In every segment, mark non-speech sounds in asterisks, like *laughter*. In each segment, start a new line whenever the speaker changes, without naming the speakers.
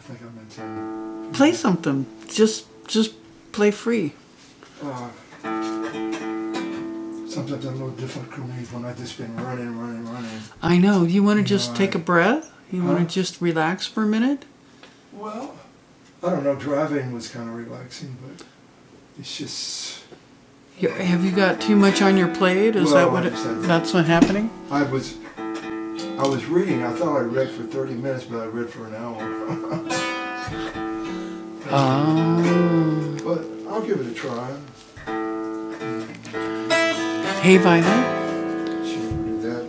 I think I mentioned Play something. Just just play free. uh, sometimes I'm a little difficult when I've just been running, running, running. I know. You want to just know, take I- a breath? You Huh? want to just relax for a minute? Well, I don't know. Driving was kind of relaxing, but it's just You- Have you got too much on your plate? Is well, that Well, what? It, that's what happening? I was I was reading. I thought I read for 30 minutes, but I read for an hour. Oh. But I'll give it a try. Hey, Violet.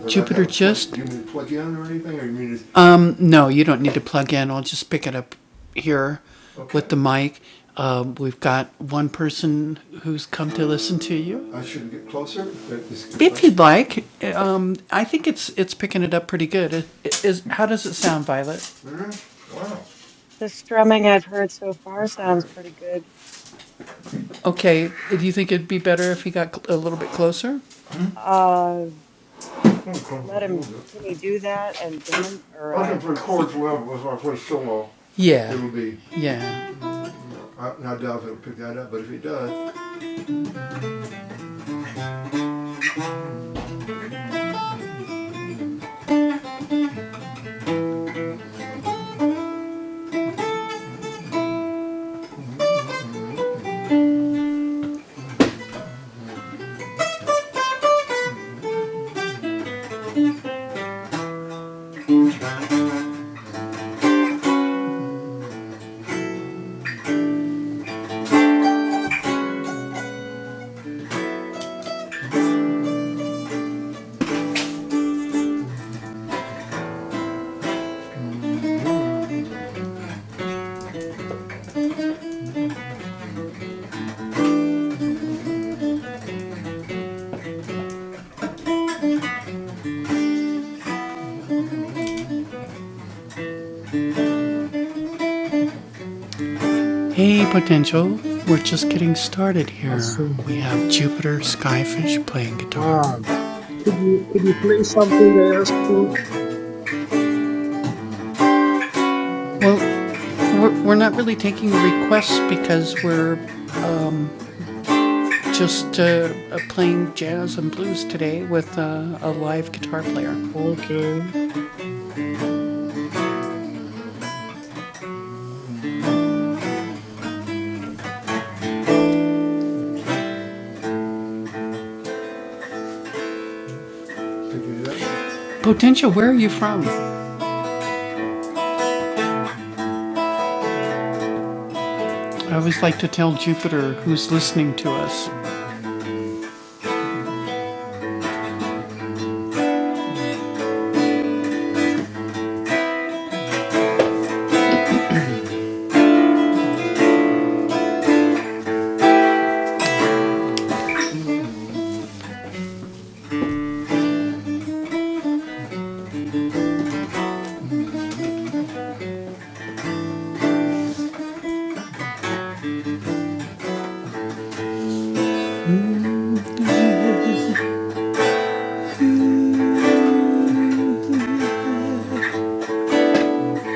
Jupiter Just? Do you mean to plug in or anything, or you mean to? Um, no, you don't need to plug in. I'll just pick it up here okay. with the mic. Um, we've got one person who's come to listen to you. I should get closer. If you'd like, um, I think it's it's picking it up pretty good. It- it is how does it sound, Violet? Really? Wow,
The strumming I've heard so far
that's
sounds
great.
pretty good.
Okay, do you think it'd be better if he got a little bit closer?
Uh,
Oh,
let
cool, we
him, can he do that and demon or uh,
Working three
test
chords
it?
level was my first solo. Yeah, It'll be. yeah. I, I doubt if will pick that up, but if he does, Hey, potential. We're just getting started
I
here.
see.
We have Jupiter Skyfish playing guitar.
Wow. Could you could you play something I asked for?
Well, we're, we're not really taking requests because we're just uh, uh, playing jazz and blues today with uh, a live guitar player.
Okay.
could you do that? Potential, where are you from? I always like to tell Jupiter who's listening to us.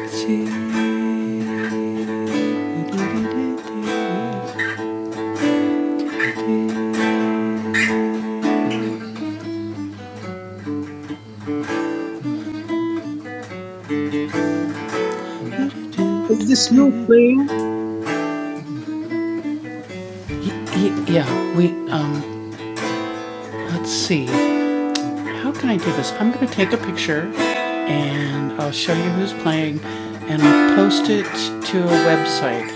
See?
Is this you playing?
Yeah, we, um, let's see. How can I do this? I'm going to take a picture and I'll show you who's playing and I'll post it to a website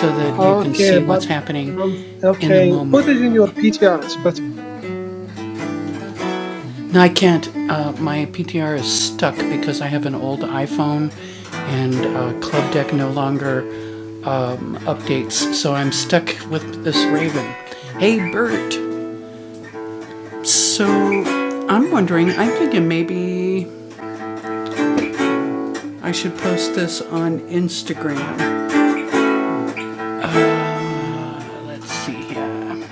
so that you can
Okay,
see
but
what's
um,
happening in the
okay. Put it
moment.
in your PTR. It's better.
No, I can't. Uh, my PTR is stuck because I have an old iPhone and uh, Club Deck no longer um, updates, so I'm stuck with this Raven. Hey, Bert! So I'm wondering, I'm thinking maybe I should post this on Instagram. Let's see here.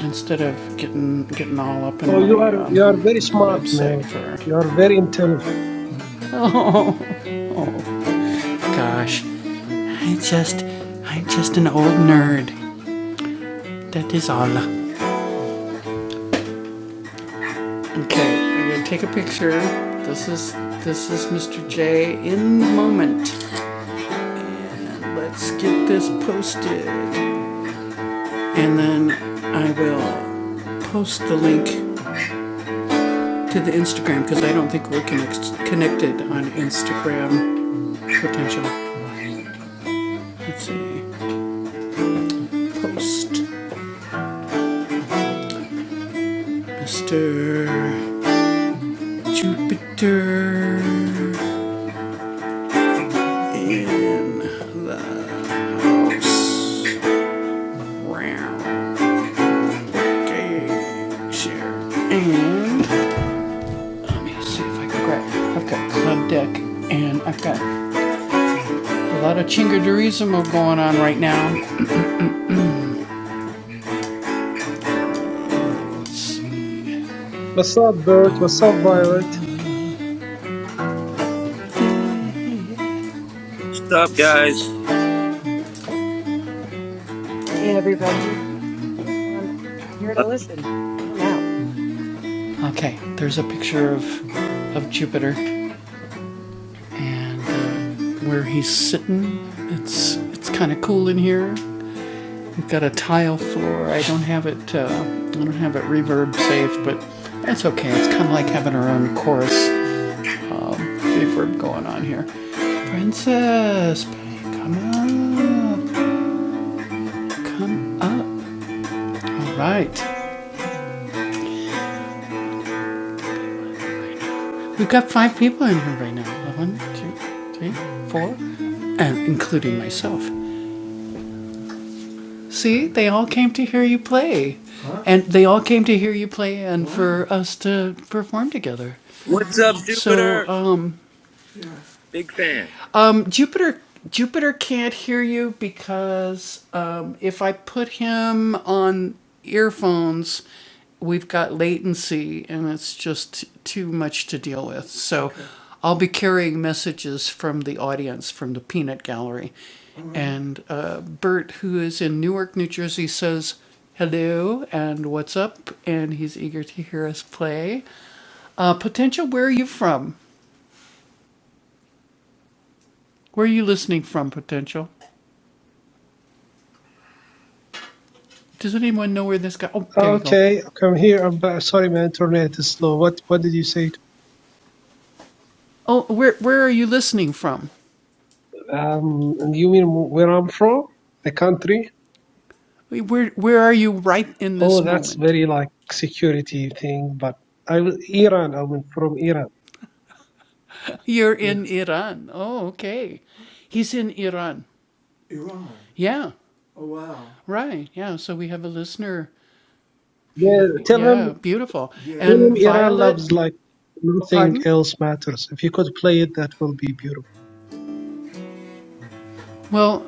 Instead of getting getting all up in
Oh, you
my
are
um,
you are very smart,
website
man.
for
You are very intelligent.
*laughs* oh gosh, I just I'm just an old nerd. That is all. Okay, I'm gonna take a picture. This is this is Mr. J in the moment. Let's get this posted. And then I will post the link to the Instagram because I don't think we're connect- connected on Instagram. Potential. Let's see. Post Mr. Jupiter in house round gay share. And let me see if I can grab. I've got club deck and I've got a lot of chingadorismo going on right now. It's
What's up, Bert? What's up, Violet?
What's up, guys?
Hey, everybody, just one here to
Love it.
listen. Jam out.
Okay, there's a picture of of Jupiter and uh, where he's sitting. It's it's kind of cool in here. We've got a tile floor. I don't have it. Uh, I don't have it reverb saved, but that's okay. It's kind of like having our own chorus um, reverb going on here. Princess, come up, come up. All right, we've got five people in here right now. One, two, three, four, and including myself. See, they all came to hear you play. Huh? And they all came to hear you play and wow. for us to perform together.
What's up,
So,
Jupiter?
um,
Big fan.
um, Jupiter Jupiter can't hear you because um, if I put him on earphones, we've got latency and it's just too much to deal with. So okay. I'll be carrying messages from the audience from the peanut gallery. Right. And uh, Bert, who is in Newark, New Jersey, says hello and what's up, and he's eager to hear us play. Uh, potential, where are you from? Where are you listening from, Potential? Does anyone know where this guy? Oh, there you go.
Okay, come here. I'm back. Sorry, my internet is slow. What what did you say?
Oh, where where are you listening from?
Um, you mean where I'm from? The country?
Where where are you right in
Oh,
this
that's
moment?
very like security thing, but I will Iran. I'm from Iran.
You're in
Yes.
Iran. Oh, okay. He's in Iran. Iran. Yeah. Oh wow. Right. Yeah. So we have a listener.
Yeah,
Beautiful.
tell
Yeah.
him
Beautiful. Yeah.
tell
And
him Iran
Violet.
loves like nothing
Pardon.
else matters. If you could play it, that will be beautiful.
Well,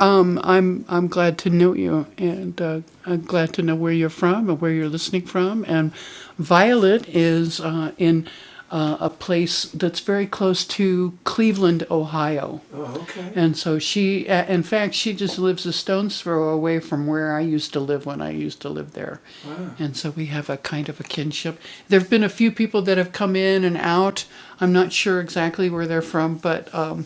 um, I'm I'm glad to know you, and uh, I'm glad to know where you're from and where you're listening from. And Violet is uh, in uh, a place that's very close to Cleveland, Ohio, Oh, okay. and so she, uh, in fact, she just lives a stone's throw away from where I used to live when I used to live there. Wow. And so we have a kind of a kinship. There have been a few people that have come in and out. I'm not sure exactly where they're from, but um,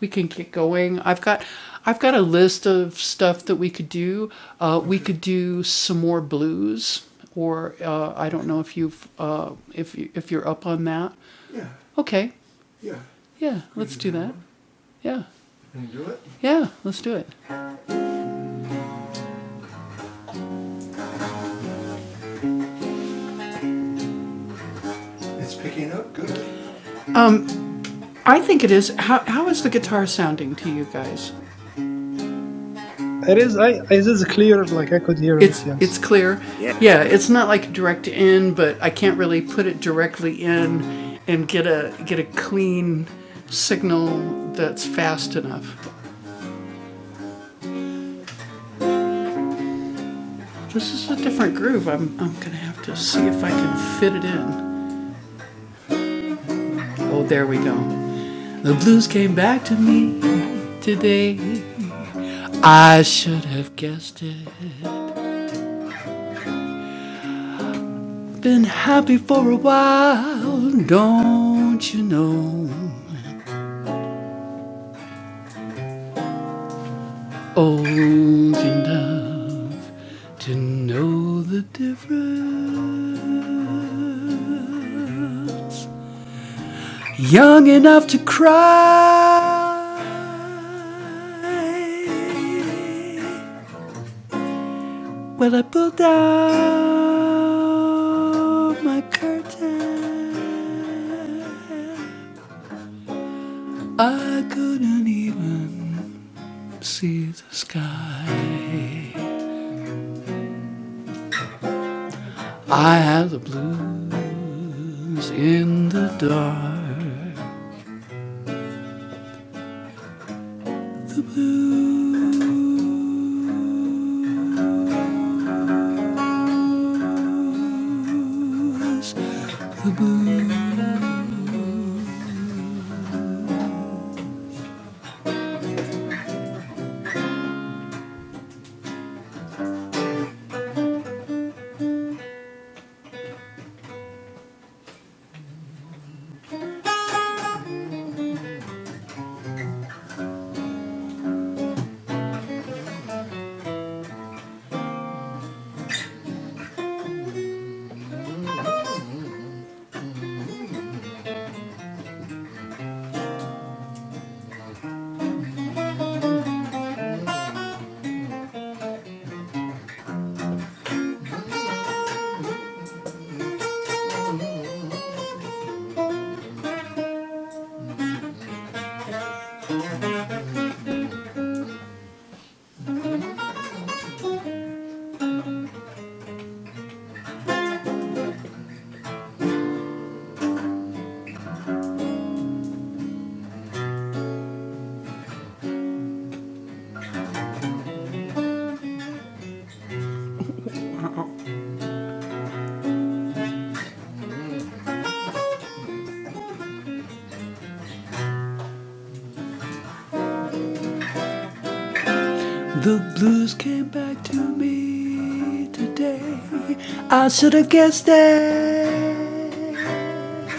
we can get going. I've got I've got a list of stuff that we could do. Uh, we could do some more blues, or uh, I don't know if you've uh, if you, if you're up on that. Yeah, Okay, yeah. yeah, let's do that. Yeah, Can you do it? yeah, let's do it. It's picking up good. I think it is. How how is the guitar sounding to you guys?
It is I it is clear, like I could hear it,
It's
yes.
it's clear.
Yes,
Yeah, it's not like direct in, but I can't really put it directly in and get a get a clean signal that's fast enough. This is a different groove. I'm I'm gonna have to see if I can fit it in. Oh, there we go. The blues came back to me today. I should have guessed it. Been happy for a while, don't you know? old enough to know the difference, young enough to cry. When I pulled down my curtain. I couldn't even see the sky. I have the blues. in the dark? Blues. The blues came back to me today. I should have guessed it.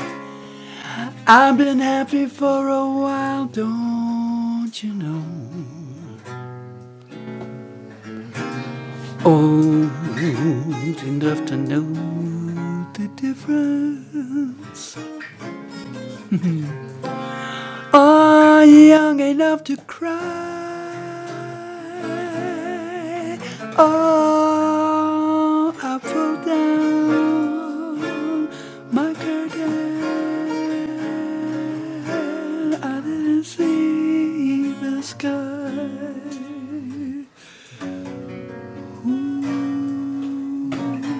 I've been happy for a while, don't you know? Old enough to know the difference. Are young enough to cry? Oh, I pull down my curtain. I didn't see the sky.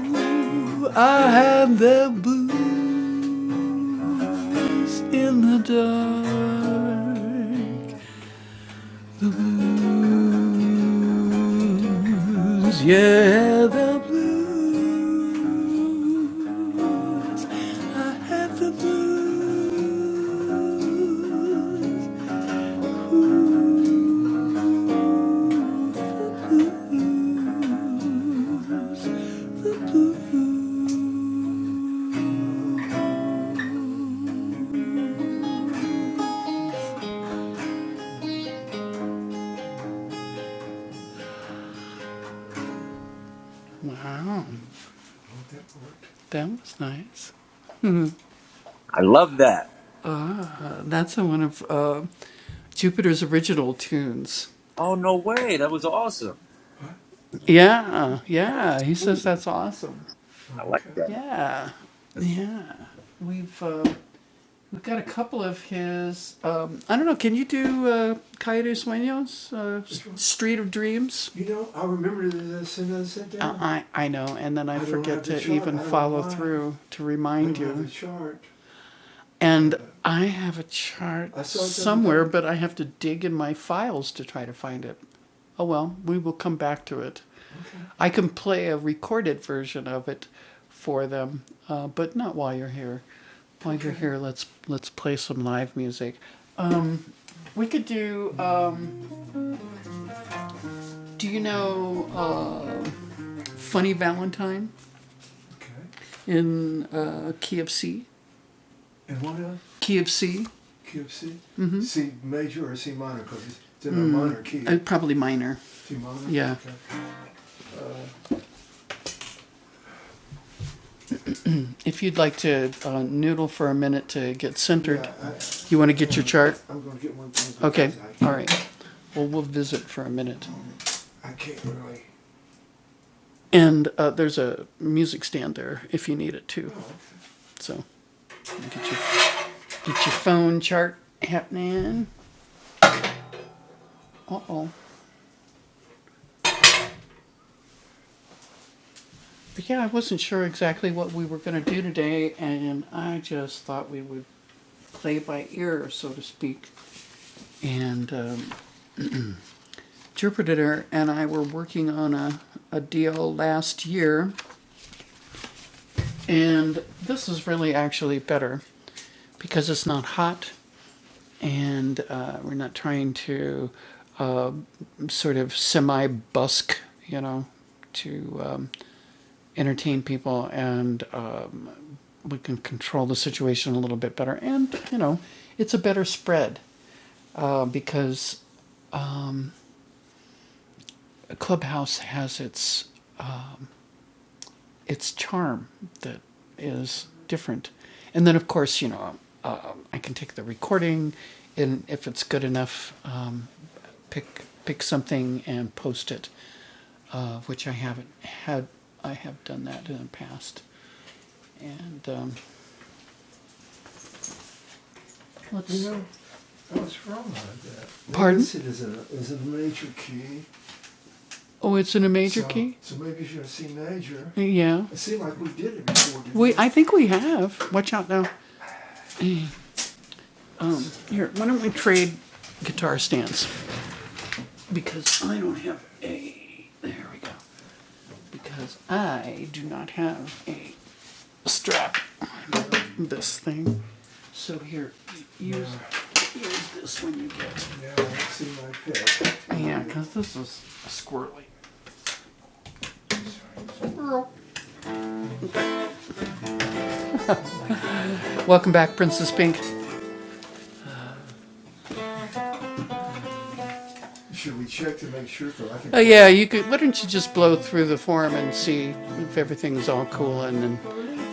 Ooh, I had the blues in the dark blues, yeah, the blues. I have the blues. Ooh, the blues. Wow, that was nice.
I love that.
Ah, that's one of uh, Jupiter's original tunes.
Oh no way! That was awesome.
What? Yeah, uh,
That was
yeah. He says
smooth.
that's awesome. Oh,
I like
okay.
that.
Yeah, yeah. We've uh, we've got a couple of his. Um, I don't know. Can you do uh, Calle de Sueños, uh, S- Which one? Street of Dreams? You know, I remember this as soon as I sat Uh, down. I I know, and then I I don't forget have the to chart. even I don't know follow why. through to I remind don't have the you. chart. And I have a chart somewhere, but I have to dig in my files to try to find it. Oh well, we will come back to it. Okay. I can play a recorded version of it for them, uh, but not while you're here. While you're here, let's let's play some live music. Um, we could do. Um, do you know uh, "Funny Valentine" Okay. in uh, key of C? And what else? key of C, Key of C? Mm-hmm. C major or C minor? Because it's, in a mm, minor key. uh, probably minor. C minor? yeah. Okay. If you'd like to uh, noodle for a minute to get centered, Yeah, I, you want to get your chart? I'm going to get one thing. Okay, all right. Well, we'll visit for a minute. I can't really. And uh, there's a music stand there if you need it too. Oh, okay. So get your, get your phone chart happening. Uh oh. But yeah, I wasn't sure exactly what we were going to do today, and I just thought we would play by ear, so to speak. And um, Jupiter and I were working on a, a deal last year, and this is really actually better because it's not hot and uh, we're not trying to uh, sort of semi busk, you know, to um, entertain people, and um, we can control the situation a little bit better. And you know, it's a better spread uh, because Clubhouse has its its charm that is different. And then, of course, you know, uh, I can take the recording, and if it's good enough, um, pick pick something and post it, uh, which I haven't had. I have done that in the past, and um, let's. You know, I was wrong about that. Pardon? This is it, a, is it a major key. Oh, it's in a major so, key. So maybe if you're in C major, Yeah, it seemed like we did it before. didn't we. I think we have. Watch out now. Um, here, why don't we trade guitar stands? Because I don't have a. There we go. Because I do not have a strap. This thing. So here, use yeah. use this when you get. Now I see my pick. Yeah, because this is squirrely. Welcome back, Princess Pink. Should we check to make sure? I think. Uh, yeah, you could. Why don't you just blow through the form and see if everything's all cool, and then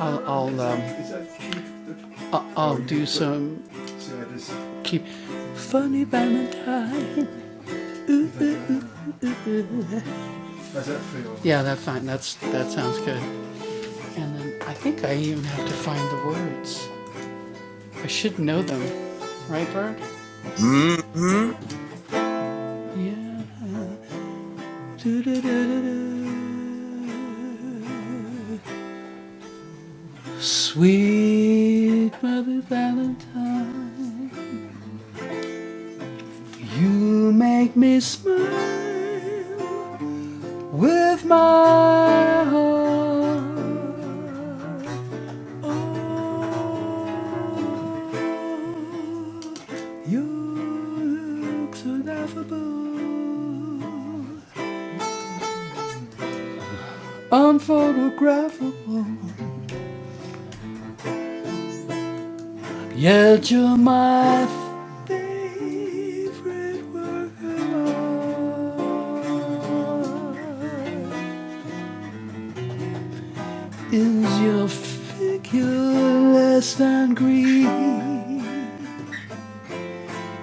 I'll I'll um, I'll, I'll do some keep funny Valentine. How's that feel? Yeah, that's fine. That's that sounds good. And then I think I even have to find the words. I should know them, right, Bart?
Mm-hmm.
Yeah. Do-do-do-do-do. Sweet Mother Valentine, you make me smile with my heart. Oh, your looks are laughable, unphotographable. Yeah, you're my favorite word. Is your figure less than green?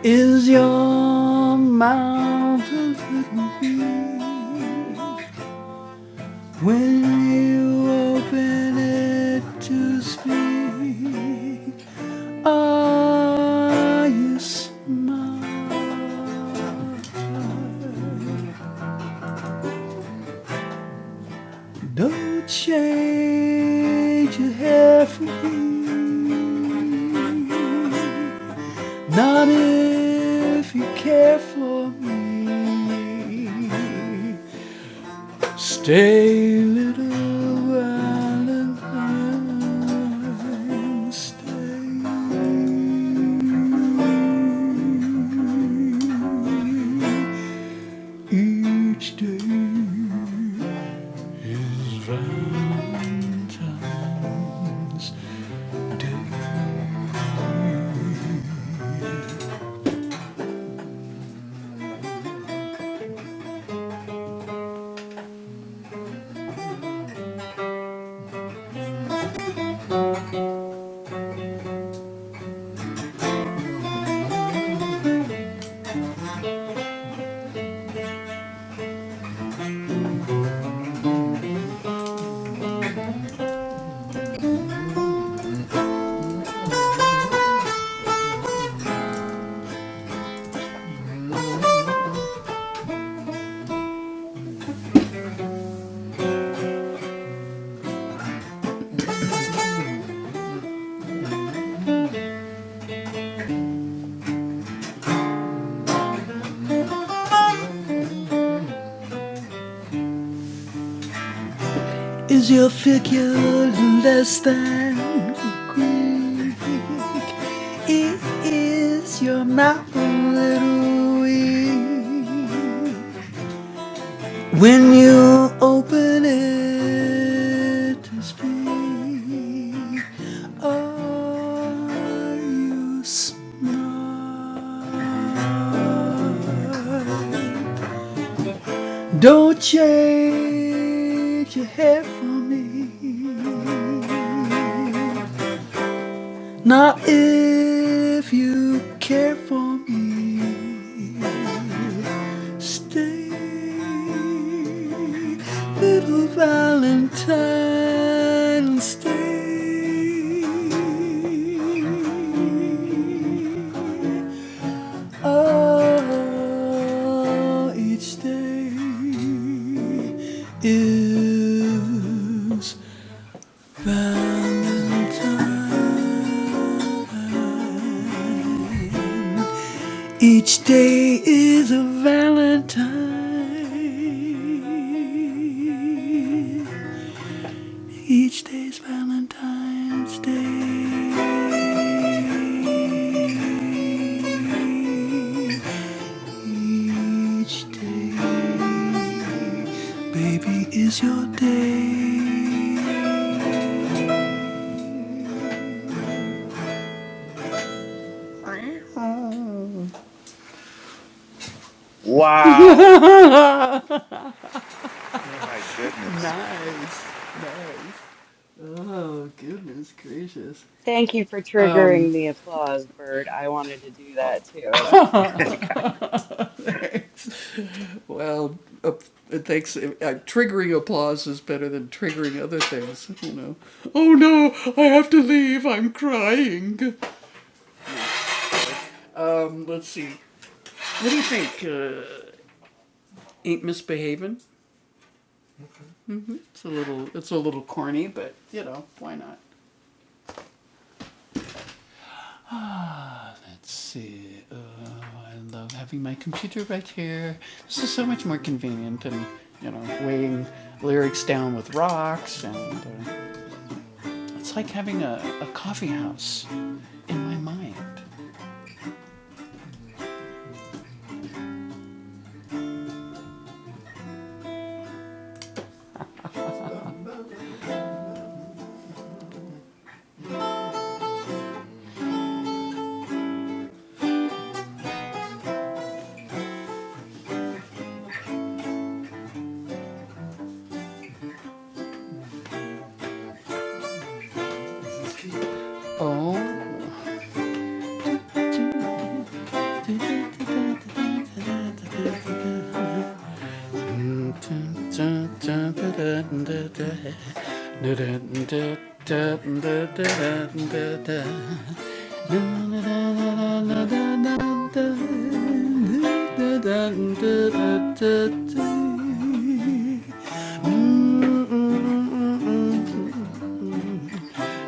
Is your mouth a little green? When you open it to speak, ah, you smile. Don't change your hair for me. Not if you care for me. Stay, little Valentine, stay. Each day is Valentine's. Is your figure less than Greek? Is your mouth a little weak? When you open it to speak, are you smart? Don't change your hair for me. Now, if you care for me, stay, little Valentine, stay. Oh, each day is Valentine. Each day is a Valentine. Each day's Valentine's Day. Each day, baby, is your day. Oh. *laughs*
Wow.
nice,
My goodness.
nice. Oh goodness gracious.
Thank you for
Um,
triggering the applause, Bird. I wanted to do that too.
*laughs* I
*laughs* well, uh, thanks. Uh, triggering applause is better than triggering other things. You know. Oh no! I have to leave. I'm crying. Um, let's see. What do you think? Uh, ain't misbehaving? hmm It's a little. It's a little corny, but you know why not. Ah, let's see. Uh, I love having my computer right here. This is so much more convenient than, you know, weighing lyrics down with rocks. And uh, it's like having a, a coffee house in my mind. Oh. da da da da da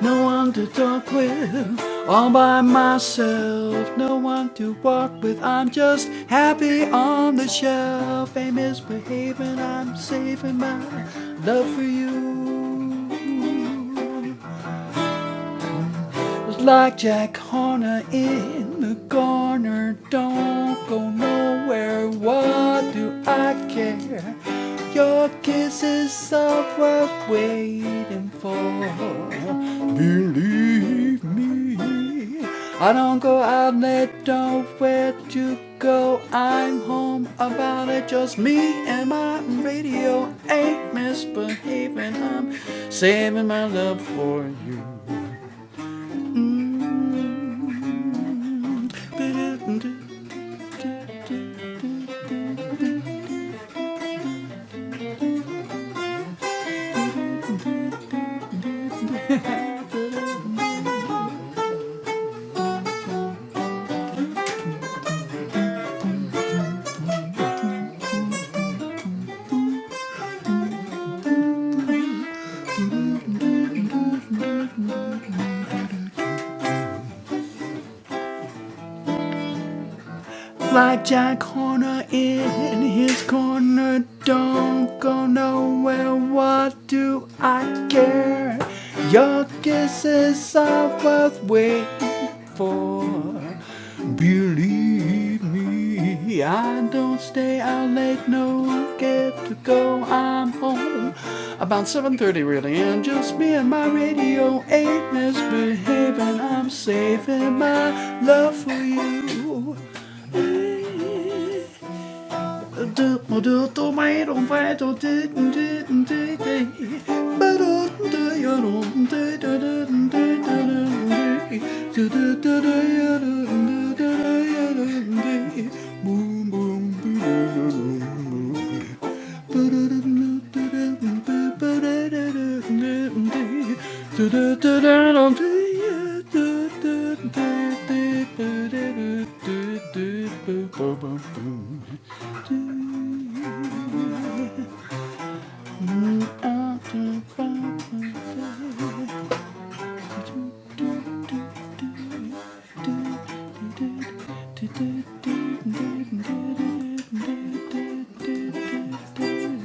no one to talk with. All by myself, no one to walk with. I'm just happy on the shelf. Fame is behaving, I'm saving my love for you was like Jack Horner in the corner. Don't go nowhere, what do I care? Your kisses are worth waiting for. Believe me, I don't go out late. don't where to go. I'm home about it, just me and my radio. Ain't misbehaving, I'm saving my love for you. Mm. Like Jack Horner in his corner, don't go nowhere. What do I care? Your kisses are worth waiting for. Believe me, I don't stay out late, no get to go. I'm home about 7:30 really, and just me and my radio ain't misbehaving. I'm saving my love for you. Boom boom boom boom boom. Thank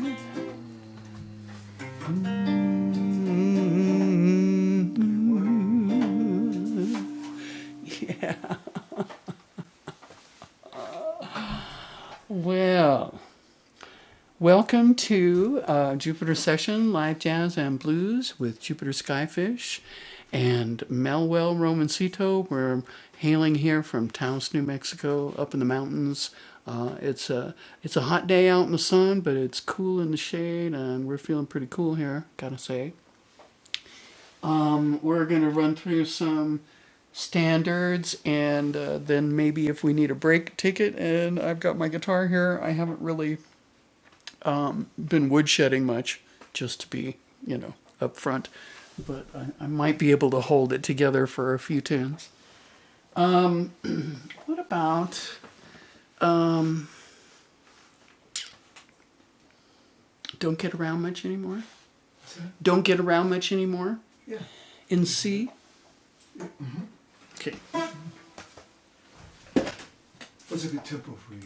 you. Yeah. Well, welcome to uh, Jupiter Session Live Jazz and Blues with Jupiter Skyfish and Melwell Romancito. We're hailing here from Taos, New Mexico, up in the mountains. Uh, it's a it's a hot day out in the sun, but it's cool in the shade, and we're feeling pretty cool here. Gotta say. Um, we're going to run through some standards and uh, then maybe if we need a break, take it. And I've got my guitar here. I haven't really been woodshedding much, just to be, you know, up front. But I, I might be able to hold it together for a few tunes. Um, what about um, Don't Get Around Much Anymore? Don't Get Around Much Anymore Yeah. in C? Okay. What's a good tempo for you?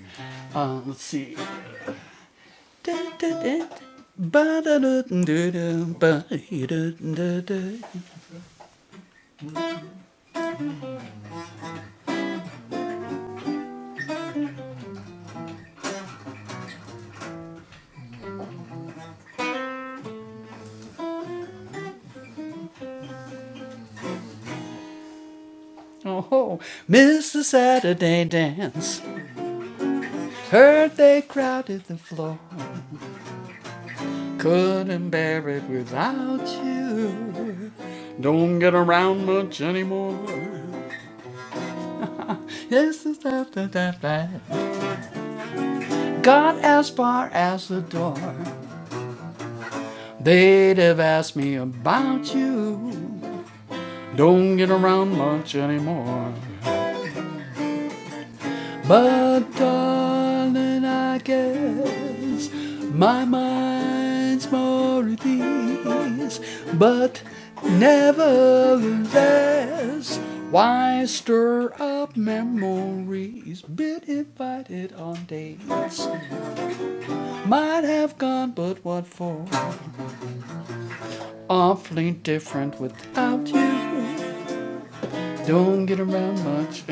Uh, let's see. Oh, Mr. Saturday dance. Heard they crowded the floor. Couldn't bear it without you. Don't get around much anymore. Yes, it's that, that, that, that. Got as far as the door. They'd have asked me about you. Don't get around much anymore. But darling, I guess my mind's more at ease. But nevertheless, why stir up memories? Been invited on dates, might have gone, but what for? Awfully different without you. Don't get around much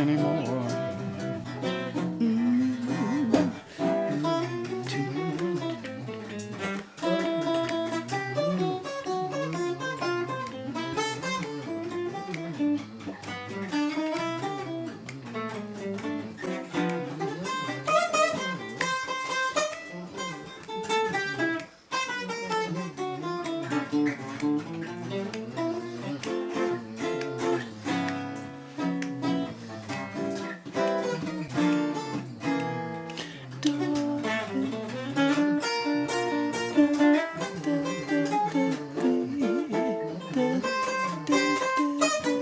anymore.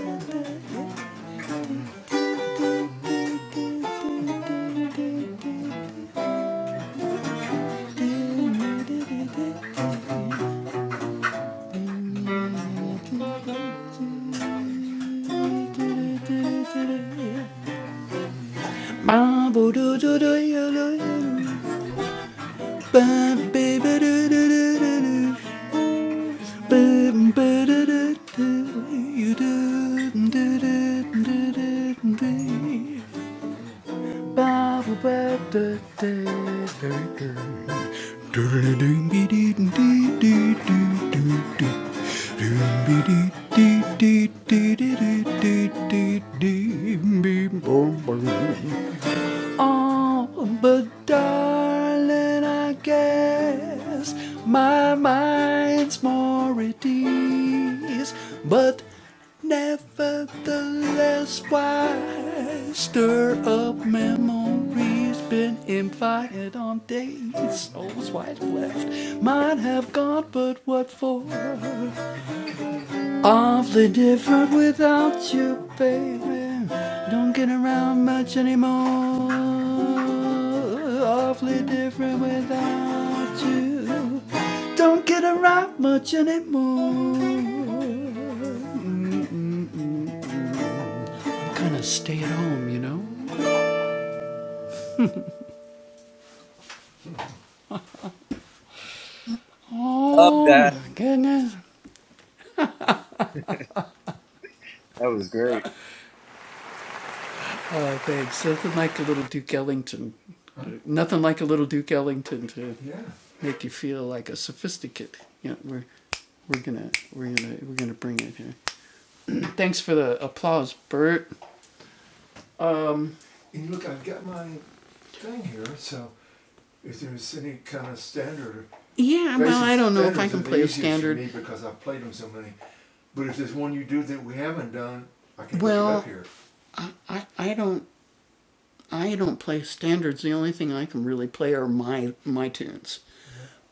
ba ba do do do do do da Boom, boom on, but darling, I guess my mind's more at ease. But nevertheless, why stir up memories? Been invited on dates, souls wide left. might have gone, but what for? Awfully different without you, baby. Don't get around much anymore. Awfully different without you. Don't get around much anymore. Kind of stay at home, you know?
Love
Oh my
that.
goodness.
that was great.
Uh, Thanks. Nothing like a little Duke Ellington. Huh? Nothing like a little Duke Ellington to Yeah. make you feel like a sophisticate. Yeah, we're we're gonna we're gonna we're gonna bring it here. Thanks for the applause, Bert. Um, And look, I've got my thing here, so if there's any kind of standard. yeah, well, I don't know if I standards can are the play a easiest for me because I've played them so many. But if there's one you do that we haven't done, I can look it Well- up here. I, I, I don't I don't play standards. The only thing I can really play are my my tunes.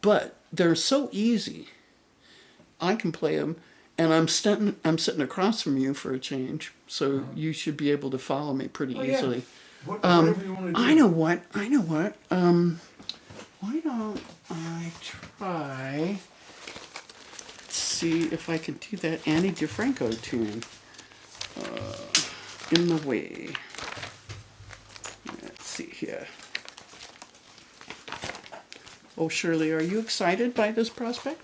But they're so easy. I can play them, and I'm sitting I'm sitting across from you for a change, so uh-huh. you should be able to follow me pretty Oh, yeah. easily. Yeah. What, um, whatever you want to do. I know what I know what. Uh, why don't I try? Let's see if I can do that Annie DeFranco tune in the way. Let's see here. Oh Shirley, are you excited by this prospect?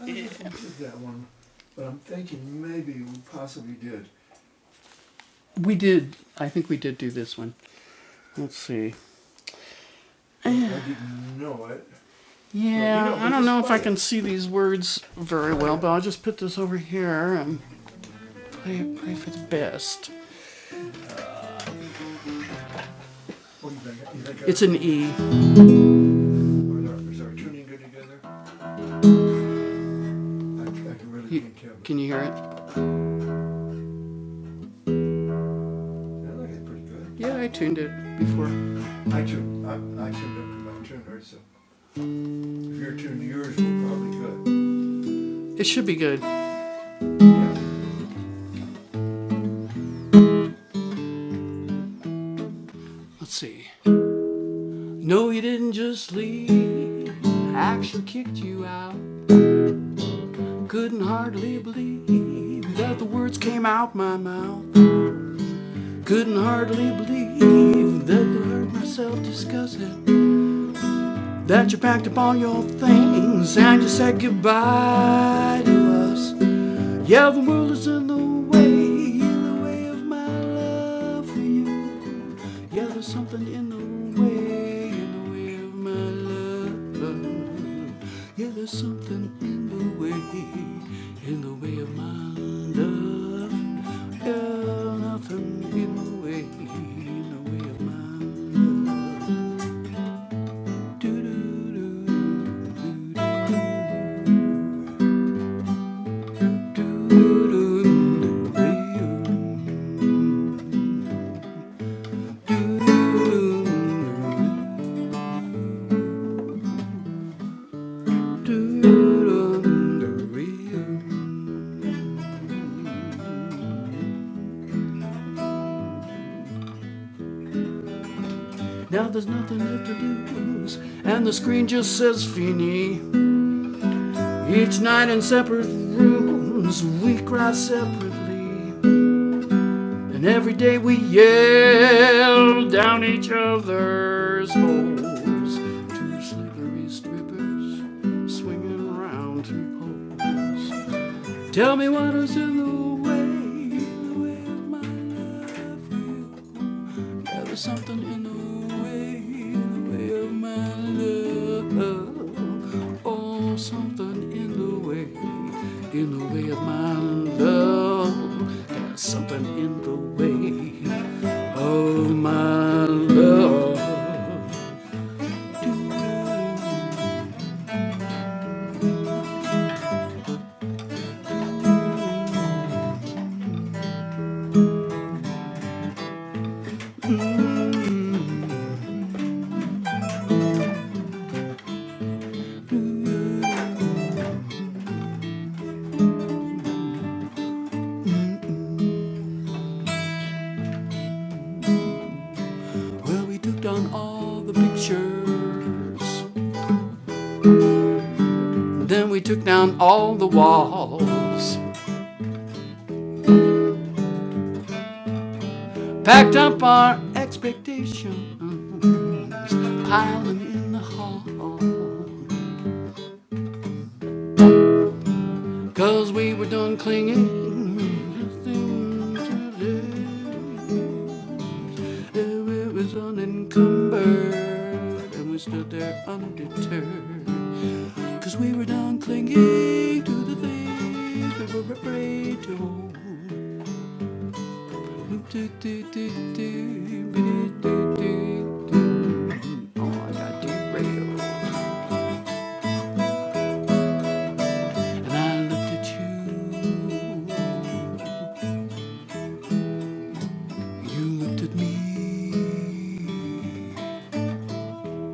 I don't know if we did that one, but I'm thinking maybe we possibly did. We did. I think we did do this one. Let's see. I didn't know it. Yeah, Well, you know, I don't know if I can see these words very well, but I'll just put this over here and pray, pray for the best. It's an E. Is our, tuning good together? can really You- hear it? I think it's pretty good. Yeah, I tuned it before. I tuned, I, I tuned up to my tuner, so Your two yours were probably good. It should be good. Yeah. Let's see. No, you didn't just leave. I actually kicked you out. Couldn't hardly believe that the words came out my mouth. Couldn't hardly believe that I heard myself discussing that you packed up all your things and you said goodbye to us. Yeah, the world is in the way, in the way of my love for you. Yeah, there's something in the way, in the way of my love. Yeah, there's something in the way, in the way of my love. Yeah, nothing in the way, in the way of my love. Do do do. doo doo Now there's nothing left to lose, and the screen just says Fini. Each night in separate rooms, we cry separately, and every day we yell down each other's holes. Two slippery strippers swinging around two poles. Tell me what is in the way, in the way of my love. will. Yeah, there's something in the way, in the way of my love. Oh, something in the way, in the way of my love. Yeah, something in the way of my love. Mm. Well, we took down all the pictures Then we took down all the walls, packed up our expectations, piling in the hall, 'cause we were done clinging. It was unencumbered, and we stood there undeterred, 'cause we were done clinging to the things we were afraid to hold. Oh, I got derailed. And I looked at you. You looked at me.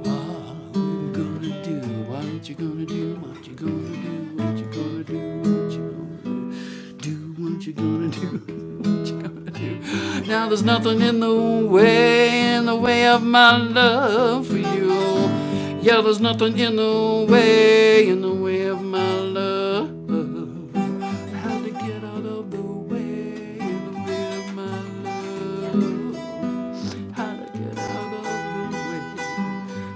What you gonna do? What you gonna do? What you gonna do? What you gonna do? What you gonna do? What you gonna do? *laughs* What you gonna do? Now there's nothing in the way, in the way of my love for you. Yeah, there's nothing in the way, in the way of my love. How to get out of the way, in the way of my love. How to get out of the way.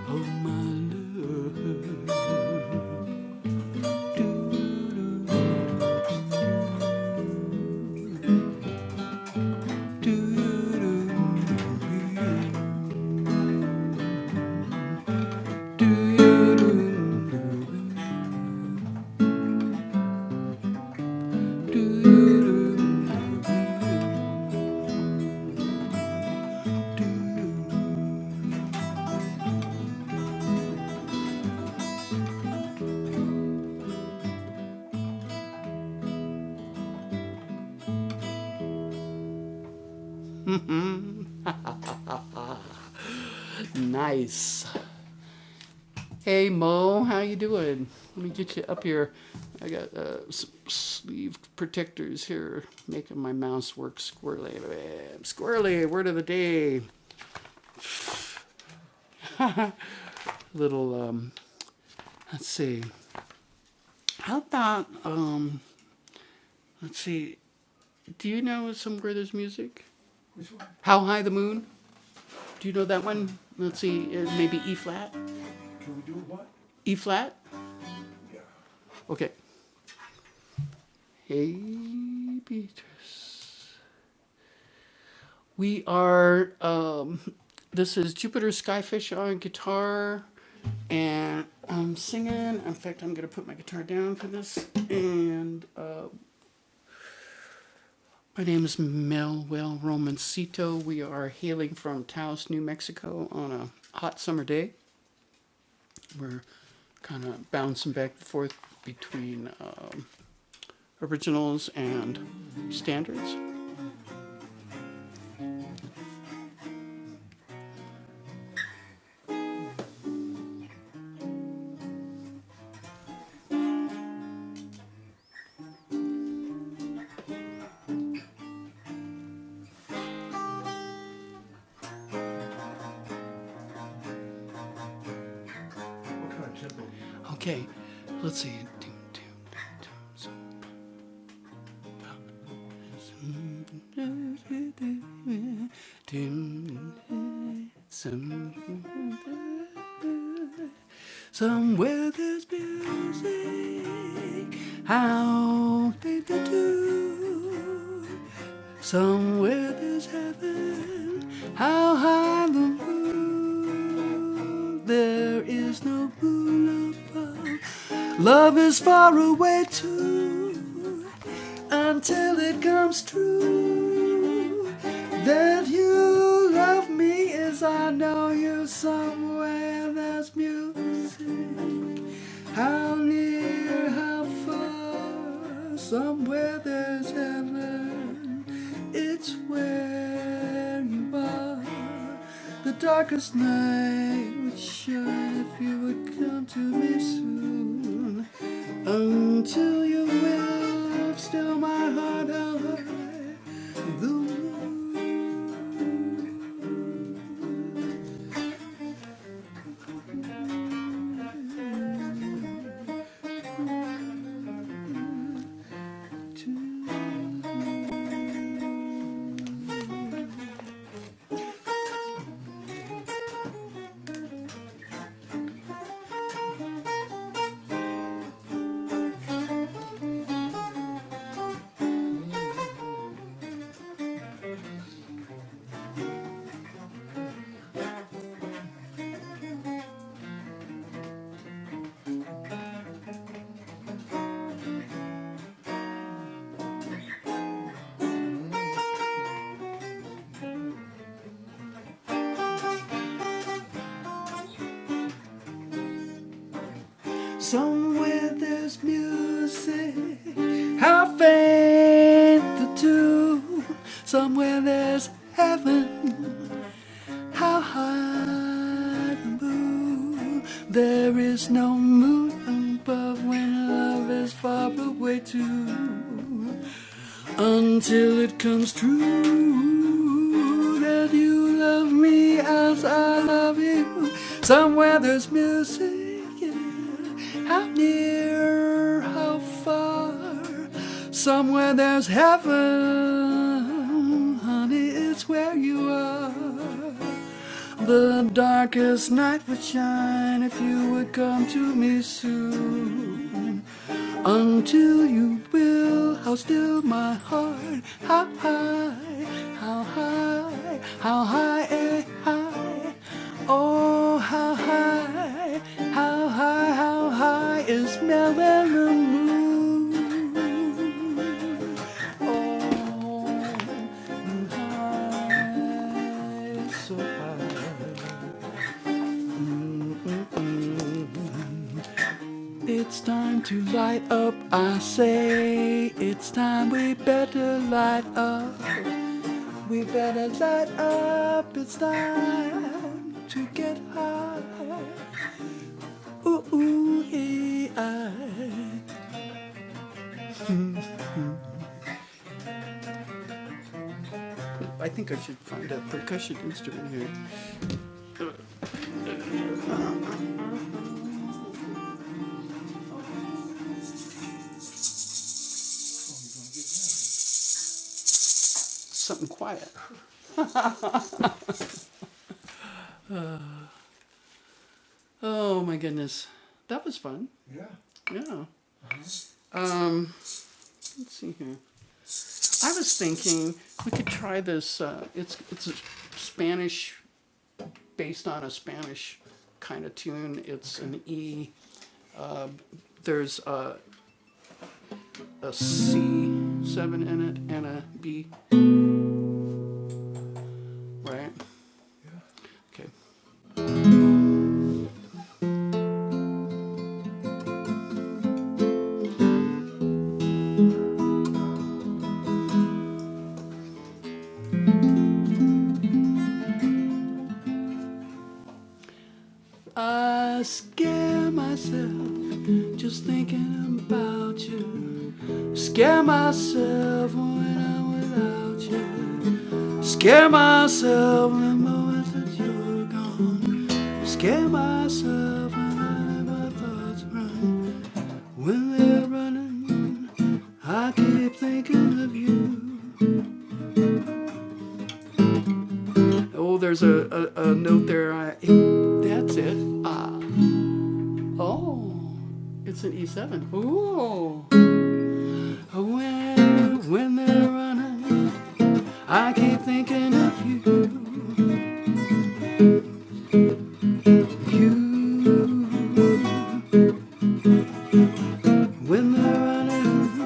Oh my love, do do do do do do do do. do. Nice. Hey Mo, how you doing? Let me get you up here. I got uh, some sleeve protectors here, making my mouse work squirrely. Squirrely. Word of the day. Little um. Let's see. How about um. Let's see. Do you know somewhere there's music? Which one? How High the Moon? Do you know that one? Let's see, uh, maybe E flat? Can we do what? E flat? Yeah. Okay. Hey, Beatrice. We are, um, this is Jupiter Skyfish on guitar, and I'm singing. In fact, I'm going to put my guitar down for this. And uh, my name is Melwell Romancito. We are hailing from Taos, New Mexico on a hot summer day. we're kind of bouncing back and forth between um, originals and standards. What kind of tempo Okay, let's see. Somewhere there's music. How did they do? Somewhere there's heaven. How high the moon. There is no moon above. Love is far away too. Until it comes true. That you you love me is I know you somewhere there's music. How near, how far, somewhere there's heaven. It's where you are. The darkest night would shine if you would come to me soon. Until you Will still my heart held high. The moon Somewhere there's music, how faint the tune. Somewhere there's heaven, How high the moon? There is no moon above when love is far away too. Until it comes true that you love me as I love you. Somewhere there's music. yeah. How near? How far? Somewhere there's heaven. Honey, it's where you are. The darkest night would shine if you would come to me soon. Until you will, how still my heart, how high, how high, how high, eh, high. Oh, how high, how high, how high is melon the moon. Oh, so It's time to light up, I say. It's time we better light up. We better light up. It's time to get high. Ooh, ooh, hey, I. I think I should find a percussion instrument here. Something quiet. Oh my goodness, that was fun. Yeah. Yeah. Um, let's see here. I was thinking we could try this. Uh, it's it's a Spanish based on a Spanish kind of tune. It's okay. an E. There's a a C seven in it and a B, right? Okay. I scare myself just thinking about you. Scare myself when I'm without you. Scare myself in moments that you're gone. Scare myself when I let my thoughts run. When they're running, I keep thinking of you. Oh, there's a, a, a note there. I, that's it. Ah, oh, it's an E7. Ooh. When, when they're running, I keep thinking of you. You. When they're running.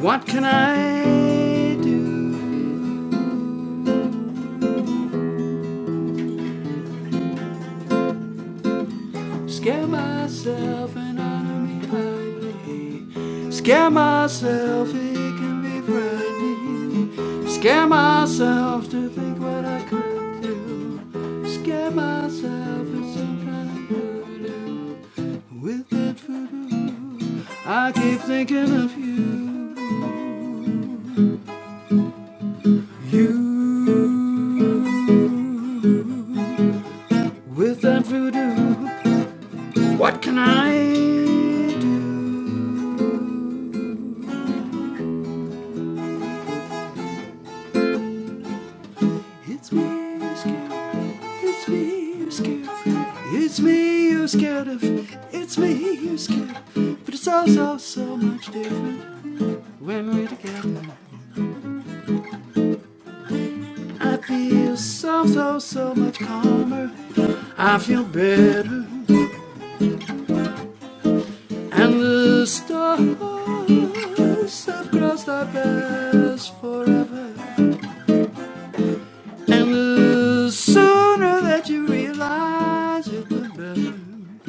What can I do? Scare myself and honor me idly. Scare myself, it can be frightening. Scare myself to think what I could do. Scare myself with some kind of voodoo. With that voodoo, I keep thinking of you. You. With that voodoo, what can I do? It's me you're scared of. It's me you're scared of. It's me you're scared of. It's me you're scared of. But it's all so, so much different when we're together. I feel so, so, so much calmer. I feel better. And the stars have crossed our paths forever. And the sooner that you realize it, the better.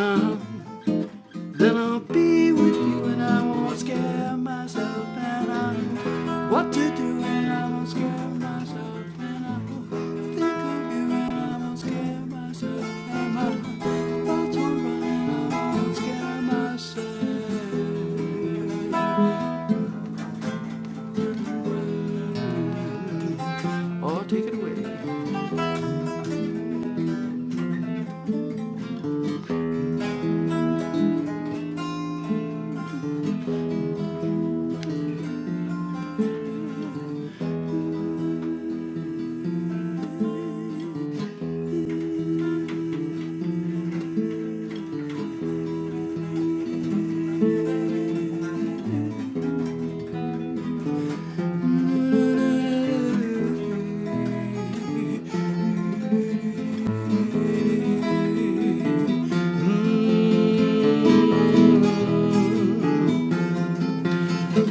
Uh, then I'll be with you and I won't scare myself. And I know what to do and I won't scare myself. And I will think of you and I won't scare myself. And my thoughts will run and I won't scare myself. Or take it away. Mm.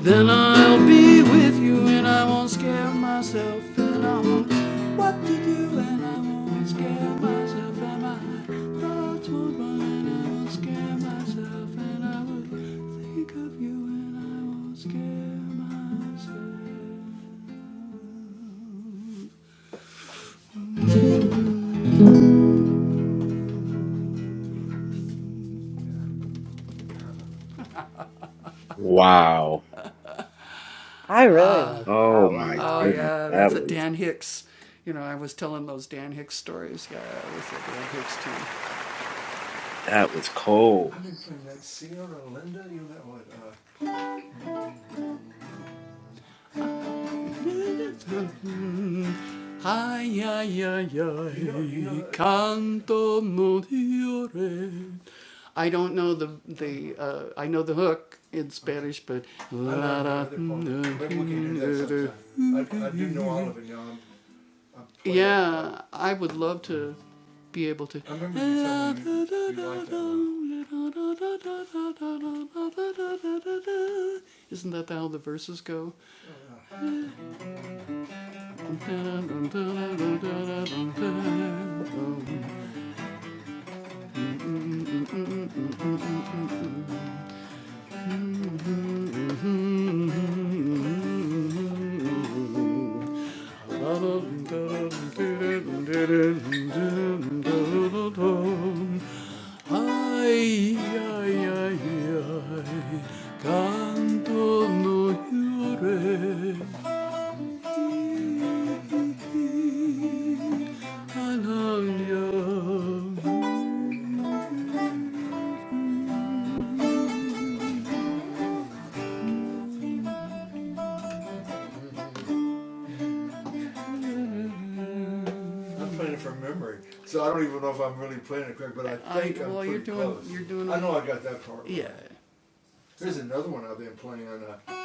Then I'll be with you and I won't scare myself and I won't know what to do and I won't scare myself and my thoughts won't run and I won't scare myself and I will think of you and I won't scare myself.
Wow.
I really like
Oh
that one,
my
Oh
Mel.
goodness.
yeah,
That
that's a
was
Dan Hicks. You know, I was telling those Dan Hicks stories. Yeah, that's a Dan Hicks tune.
that was cold.
I've been playing that Sierra Linda, you know that one. Uh, *laughs* Ay, ay, ay, ay, You know- you know- canto moriore. I don't know the the. Uh, I know the hook in Spanish, but I I, do know all of it now. i yeah, I would love to be able to. I remember you telling me you liked that Isn't that how the verses go? Oh, yeah. *laughs* Ay, ay, ay, ay, canto no llores. Ananya. I'm playing it from memory, so I don't even know if I'm really playing it correct, but I I- think I, am well, pretty you're doing- close. you're doing- I know I got that part. right. Yeah. Right. There's another one I've been playing on uh,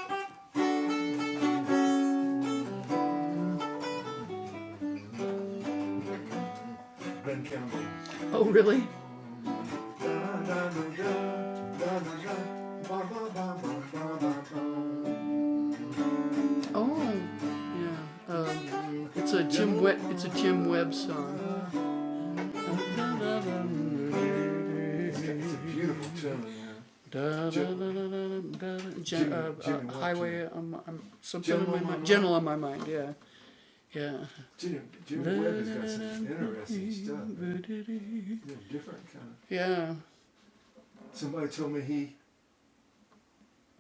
Ben Campbell. Oh, really? Oh, yeah. Um, it's a Jim Webb. It's a Jim Webb song. It's a beautiful tune. yeah. Gen- gen- uh, uh, highway, um, um, something Gentle on my mind. mind. on my mind, yeah, yeah. Jimmy, Jimmy Webb has got some interesting stuff. man. Yeah, different kind of. Yeah. Somebody told me he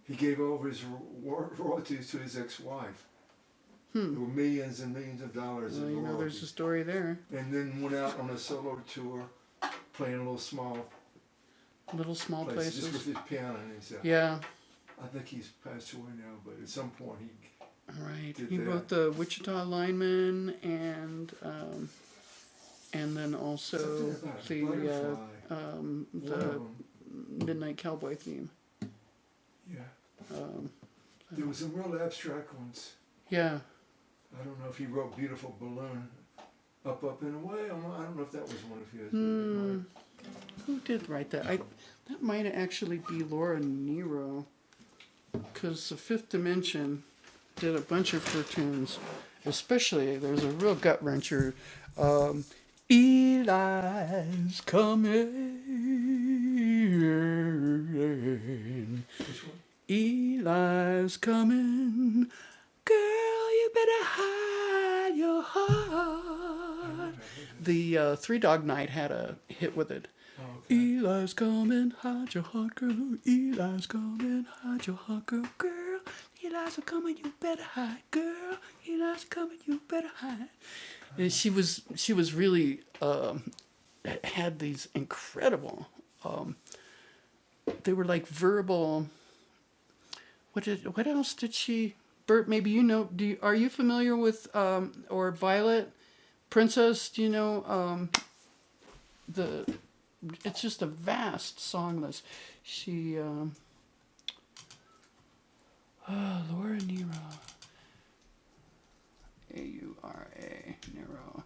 he gave over his royalties to his ex-wife. There Hmm. There were millions and millions of dollars Well, in royalties. you know, there's a story there. and then went out on a solo tour playing a little small little small places, places. just with his piano and his, uh, Yeah, I think he's passed away now, but at some point he, right. He that. wrote the Wichita Lineman and um, and then also the uh, um, the Midnight Cowboy theme. yeah. Um, There was some real abstract ones. yeah. I don't know if he wrote "Beautiful Balloon," up, up and away. I don't know- if that was one of his. but Hmm. Who did write that? I that might actually be Laura Nero. because the Fifth Dimension did a bunch of cartoons. Especially, there's a real gut wrencher. Um, Eli's coming. Which one? Eli's coming. Girl, you better hide your heart. The uh, Three Dog Night had a hit with it. Okay. Eli's coming, hide your hot girl. Eli's coming, hide your hot girl, girl. Eli's coming, you better hide, girl. Eli's coming, you better hide. And she was, she was really um, had these incredible. They were like verbal. What did? What else did she? Bert, maybe you know. Do you, are you familiar with um, or Violet Princess? Do you know um, the? It's just a vast song list. She. Um, oh, Laura Nyro. A U R A Nero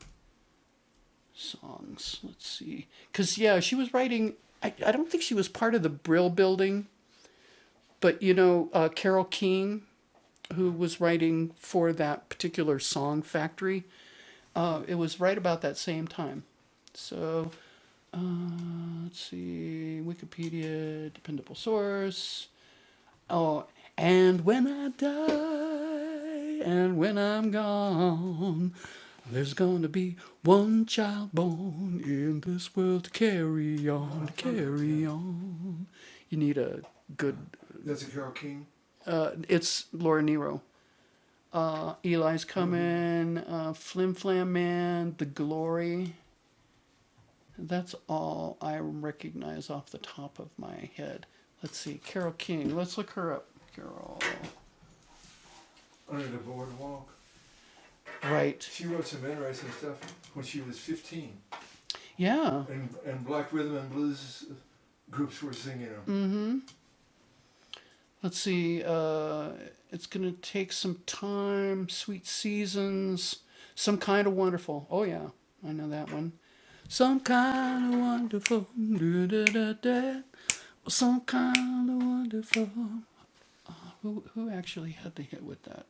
songs. Let's see. Cause yeah, she was writing. I, I don't think she was part of the Brill Building, but you know, uh, Carol King, who was writing for that particular song factory, uh, it was right about that same time. So uh, let's see. Wikipedia, dependable source. Oh, and when I die, and when I'm gone, there's gonna be one child born in this world to carry on, to carry on. You need a good. That's a Carol King. Uh, it's Laura Nero. Uh, Eli's coming. Uh, Flim Flam Man, The Glory. That's all I recognize off the top of my head. Let's see, Carol King. Let's look her up. Carol. under the boardwalk. Right. She wrote some interesting stuff when she was 15, Yeah. and and black rhythm and blues groups were singing them. Mm-hmm. Let's see. Uh, it's gonna take some time. Sweet seasons. Some kind of wonderful. Oh yeah, I know that one. Some kind of wonderful. Da-da-da-da. Some kind of wonderful. Who who actually had the hit with that?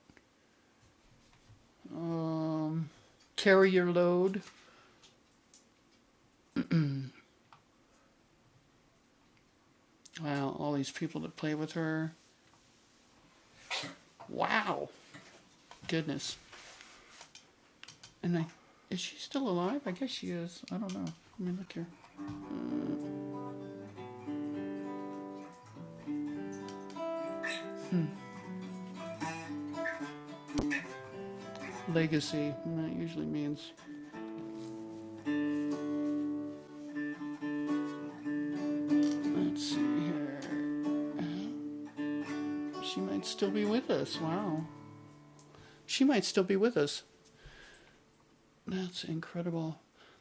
Um, carry your load. Wow, all these people that play with her. Wow, goodness. And I, is she still alive? I guess she is. I don't know. I mean, look here. Legacy. That usually means. Let's see here. She might still be with us. Wow. She might still be with us. That's incredible.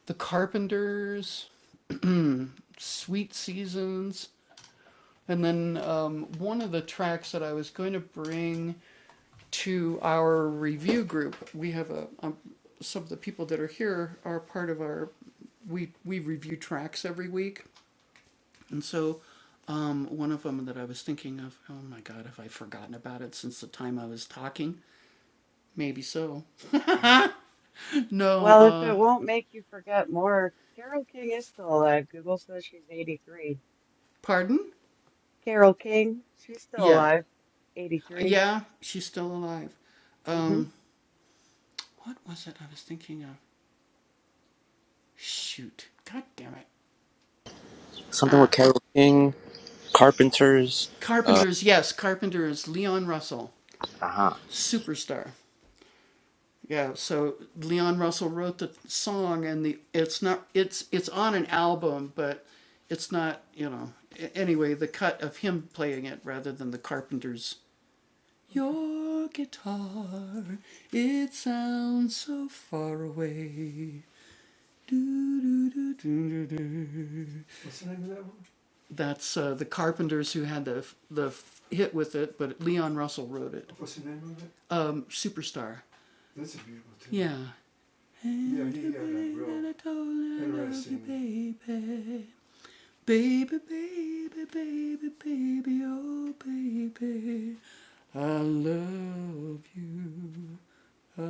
The Carpenters, Sweet Seasons, and then um, one of the tracks that I was going to bring to our review group. We have a, um, some of the people that are here are part of our, we, we review tracks every week. And so um, one of them that I was thinking of, oh my God, have I forgotten about it since the time I was talking? Maybe so. *laughs* no,
Well, if it
uh,
won't make you forget more, Carol King is still alive. Google says she's 83.
pardon?
Carol King, she's still
Yeah.
alive. 83.
Yeah, she's still alive.
hmm
Um, what was it I was thinking of? Shoot. God damn it.
Something
Uh,
with Carol King, Carpenters. Uh,
Carpenters, yes, Carpenters, Leon Russell,
Uh-huh.
superstar. Yeah, so Leon Russell wrote the song, and the it's not it's it's on an album, but it's not you know a- anyway the cut of him playing it rather than the Carpenters. Your guitar, it sounds so far away. Do, do, do, do, do, do. What's the name of that one? That's uh, the Carpenters who had the f- the f- hit with it, but Leon Russell wrote it. What's the name of it? Um, Superstar. That's a beautiful tune. Yeah, yeah, yeah, yeah, like real interesting. Baby, baby, baby, baby, baby, oh baby, I love you, I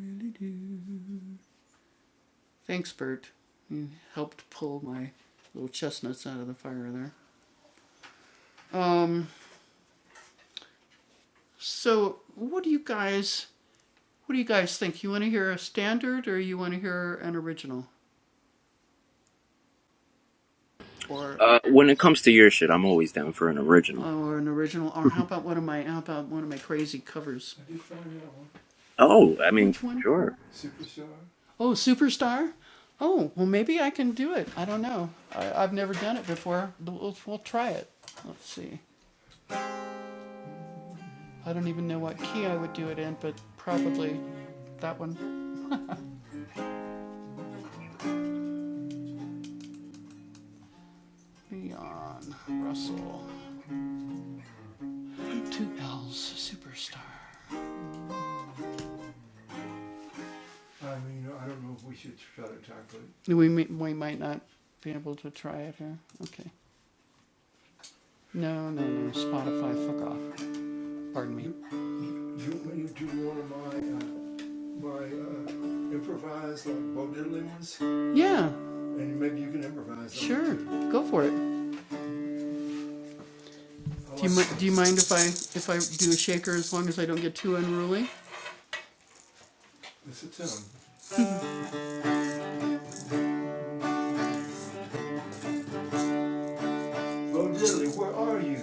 really do. Thanks, Bert. You helped pull my little chestnuts out of the fire there. Um, so what do you guys, what do you guys think? You want to hear a standard, or you want to hear an original, or
uh, when it comes to your shit, I'm always down for an original.
or an original, or how about one of my, how about one of my crazy covers? I did find that one.
Oh, I mean,
Which one?
sure.
Superstar? Oh, Superstar? Oh, well, maybe I can do it. I don't know. I, I've never done it before. We'll, we'll try it. Let's see. I don't even know what key I would do it in, but probably that one. Leon Russell. Two L's, Superstar. I mean, I don't know if we should try to tackle it. We, we might not be able to try it here. Okay. No, no, no. Spotify, fuck off. Pardon me. Do, do you want to do one of my uh, by uh, improvise like Bo Diddley ones, Yeah, and maybe you can improvise. sure. Go for it. I'll Do you, mi- do you mind if I if I do a shaker as long as I don't get too unruly? It's a tune. Bo Diddley, where are you?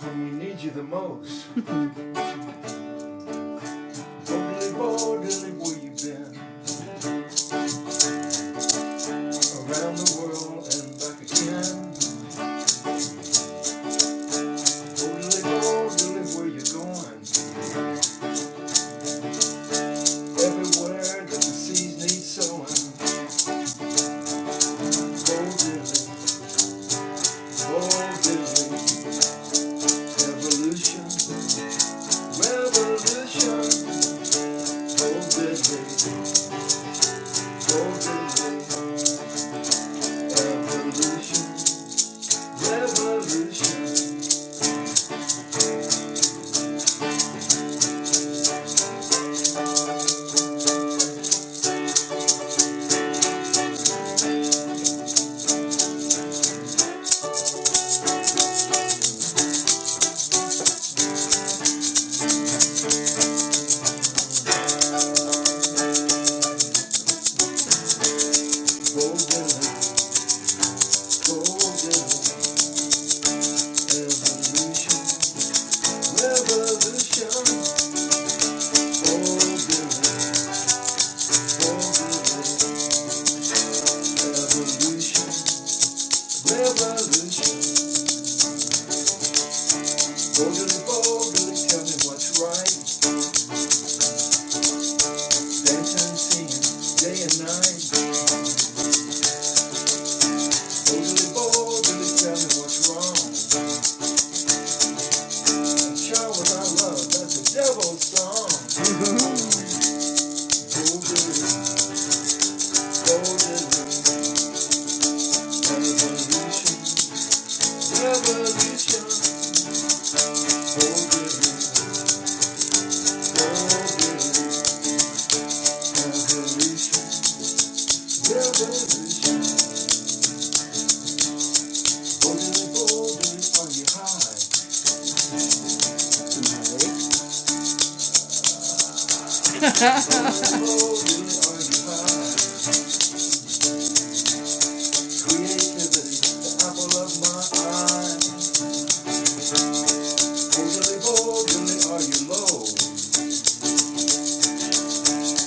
When we need you the most. *laughs* Bo Diddley, Bo Diddley, where you been? Around the world and back again. Bo Diddley, Bo Diddley, where you going? Everywhere that the seeds need sowing. Bo Diddley, Bo Diddley, Evolution, revolution, hold it, baby, hold it, baby. Evolution, revolution, hold it, baby, hold it, baby. Evolution, revolution, hold it, baby, hold it, baby. Evolution, revolution, hold it, hold it, tell me what's right. Dancing, singing, day and night, hold it, hold it, tell me what's wrong. that's a devil's song. Golden, golden, revolution, revolution. Golden, golden, revolution, revolution. Golden, golden, are you high tonight? Golden, are you high? Creativity, the apple of my eye. Golden, golden, are you low?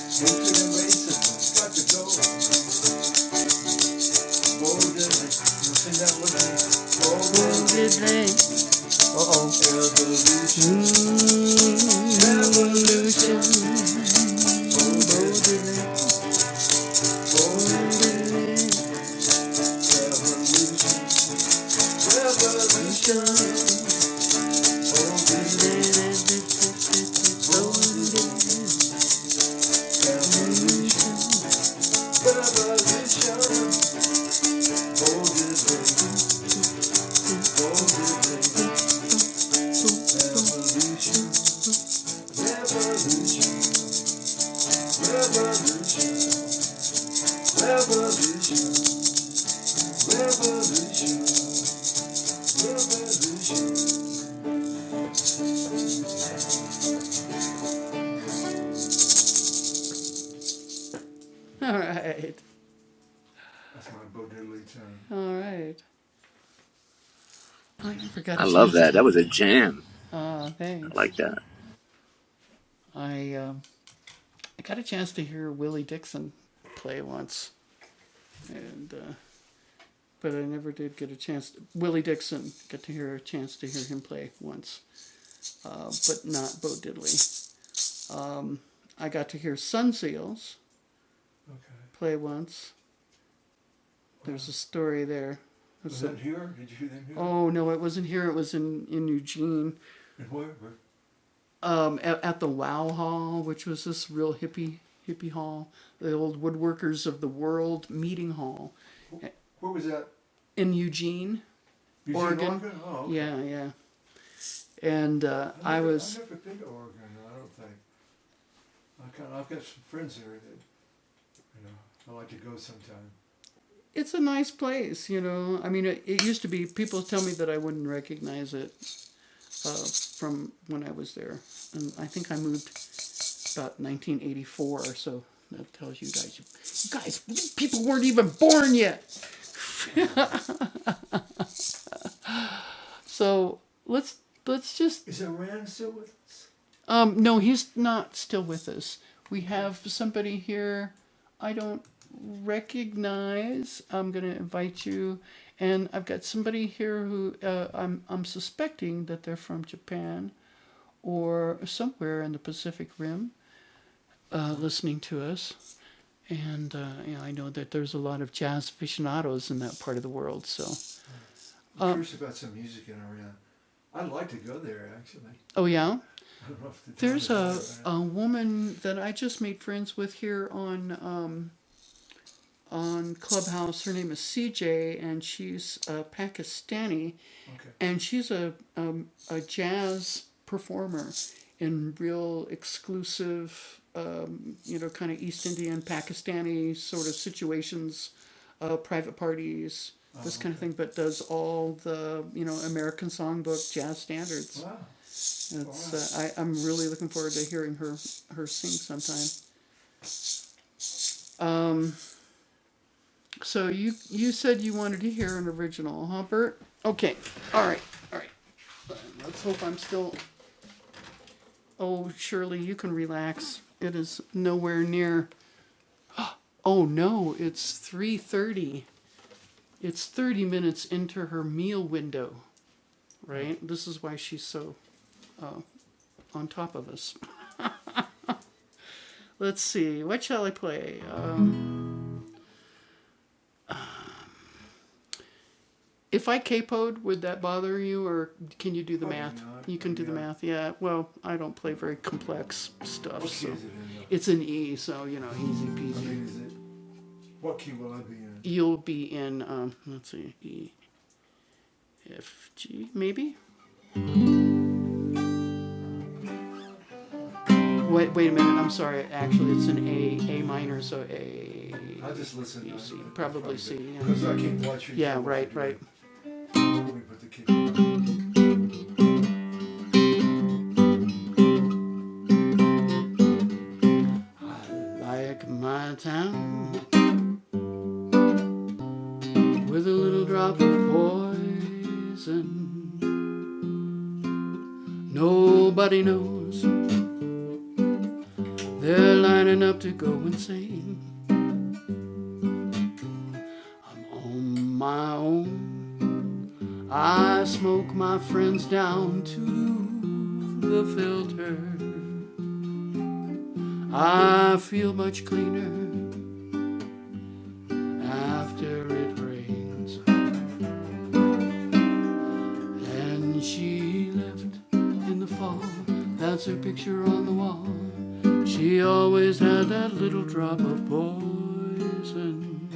Hatred and racism, got to go. Molded they, Uh-oh. evolution, molded, molded revolution, molded, molded evolution, All right. That's my Bo Diddley tune. All right. I never got a
I love
chance to.
that. That was a jam.
Ah, Uh,
I
thanks.
like that.
I um, I got a chance to hear Willie Dixon play once, and uh, but I never did get a chance. To, Willie Dixon got to hear a chance to hear him play once, uh, but not Bo Diddley. Um, I got to hear Sun Seals Okay. play once, There's a story there. Was was that a, here? Did you hear them here? Oh no, it wasn't here. It was in in Eugene, And where? um, at, at the Wow Hall, which was this real hippie hippie hall, the old woodworkers of the world meeting hall Where was that? in Eugene, Eugene, Oregon. Oregon? Oh, okay. Yeah, yeah. And uh, I've I was. I've never been to Oregon. I don't think. I kind of, I've got some friends there that you know I like to go sometime. it's a nice place, you know. I mean, it, it used to be. People tell me that I wouldn't recognize it uh, from when I was there, and I think I moved about 1984, or so that tells you guys, you guys, people weren't even born yet. *laughs* So let's let's just Is Iran still with us? um no he's not still with us. We have somebody here I don't recognize. I'm gonna invite you, and I've got somebody here who uh, I'm I'm suspecting that they're from Japan or somewhere in the Pacific Rim, uh, listening to us. And uh, you know, I know that there's a lot of jazz aficionados in that part of the world. So I'm uh, curious about some music in Iran. I'd like to go there actually. Oh, yeah? *laughs* I don't know if There's a, a woman that I just made friends with here on um, on Clubhouse, her name is C J, and she's uh, Pakistani, Okay. And she's a um, a jazz performer in real exclusive, um, you know, kind of East Indian, Pakistani sort of situations, uh, private parties, Oh, this kind okay. of thing. But does all the you know American Songbook jazz standards. Wow. It's, uh, I, I'm really looking forward to hearing her, her sing sometime. So you you said you wanted to hear an original, Humbert. Okay. All right. All right. Let's hope I'm still. Oh, Shirley, you can relax. It is nowhere near. Oh no, it's three thirty. It's thirty minutes into her meal window. Right. This is why she's so uh, on top of us. Let's see. What shall I play? Uh, If I capoed, would that bother you, or can you do the Probably math? not. You can do yeah. the Yeah. math. Yeah. Well, I don't play very complex stuff, What key so key is it in? it's an E, so you know, easy peasy. I mean, is it, what key will I be in? You'll be in um, let's see, E, F, G, maybe. Wait, wait a minute. I'm sorry. Actually, it's an A, A minor, so A. I just listen. You see, probably see, yeah. Because yeah. I keep watching. Yeah, Trouble right, Like my town, with a little drop of poison. Nobody knows they're lining up to go insane. I'm on my own. I smoke my friends down to the filter. I feel much cleaner after it rains. And she left in the fall. That's her picture on the wall. She always had that little drop of poison.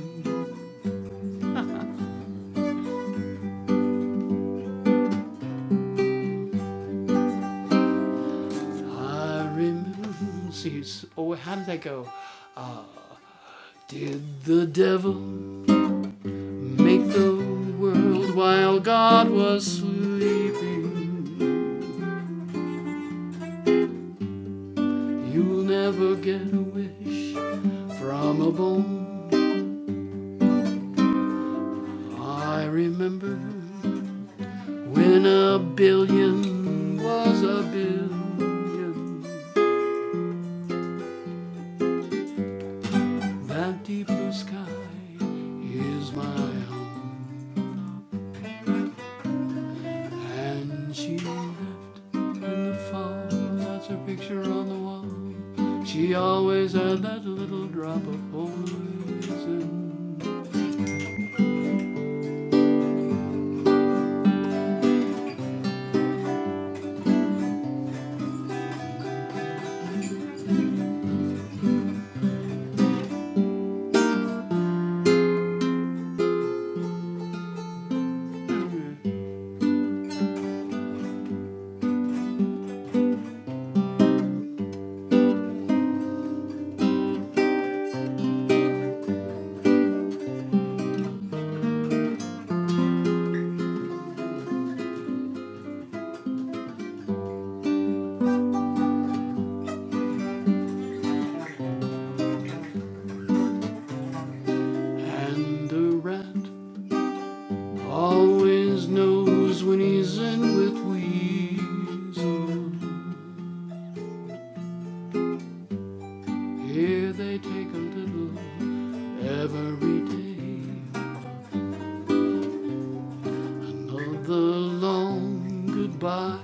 I remember. See, oh, how did that go? Did the devil make the world while God was sleeping? You'll never get a wish from a bone. I remember When a billion was a billion, that deep blue sky is my home. And she left in the fall, that's her picture on the wall. She always had that little drop of poison. And the rat always knows when he's in with weasel. Here they take a little every day. Another long goodbye,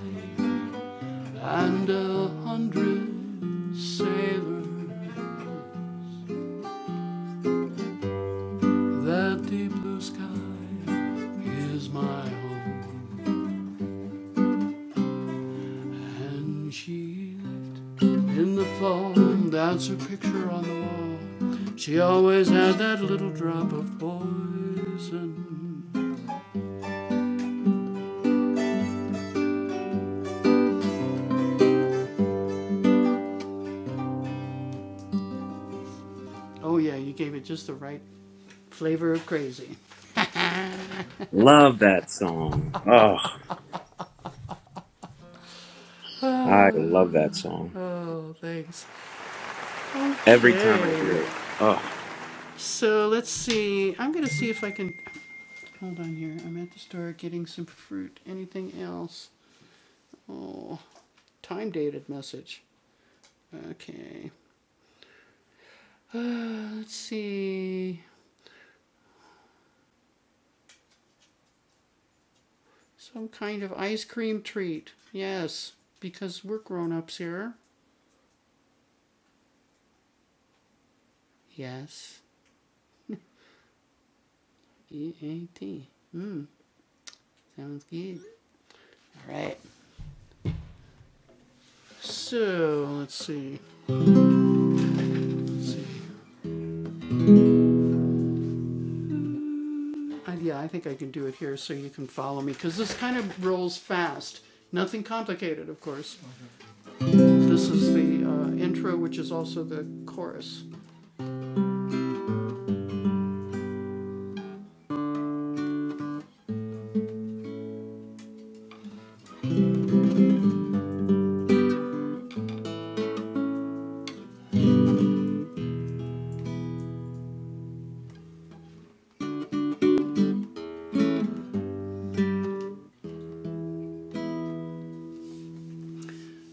and a hundred sailors. That deep blue sky is my home. And she left in the fall. That's her picture on the wall. She always had that little drop of poison. Oh, yeah, you gave it just the right flavor of crazy.
Love that song. Oh,
*sighs*
I love that song.
oh, thanks.
Every time I hear
Okay.
it. Oh,
So let's see. I'm going to see if I can. Hold on here. I'm at the store getting some fruit. Anything else? Oh, time dated message. Okay. *sighs* uh, let's see. Some kind of ice cream treat. Yes. Because we're grown ups here. Yes. E A T. Mmm. Sounds good. All right. So let's see. Let's see. I, yeah, I think I can do it here so you can follow me because this kind of rolls fast. Nothing complicated, of course. This is the uh, intro, which is also the chorus.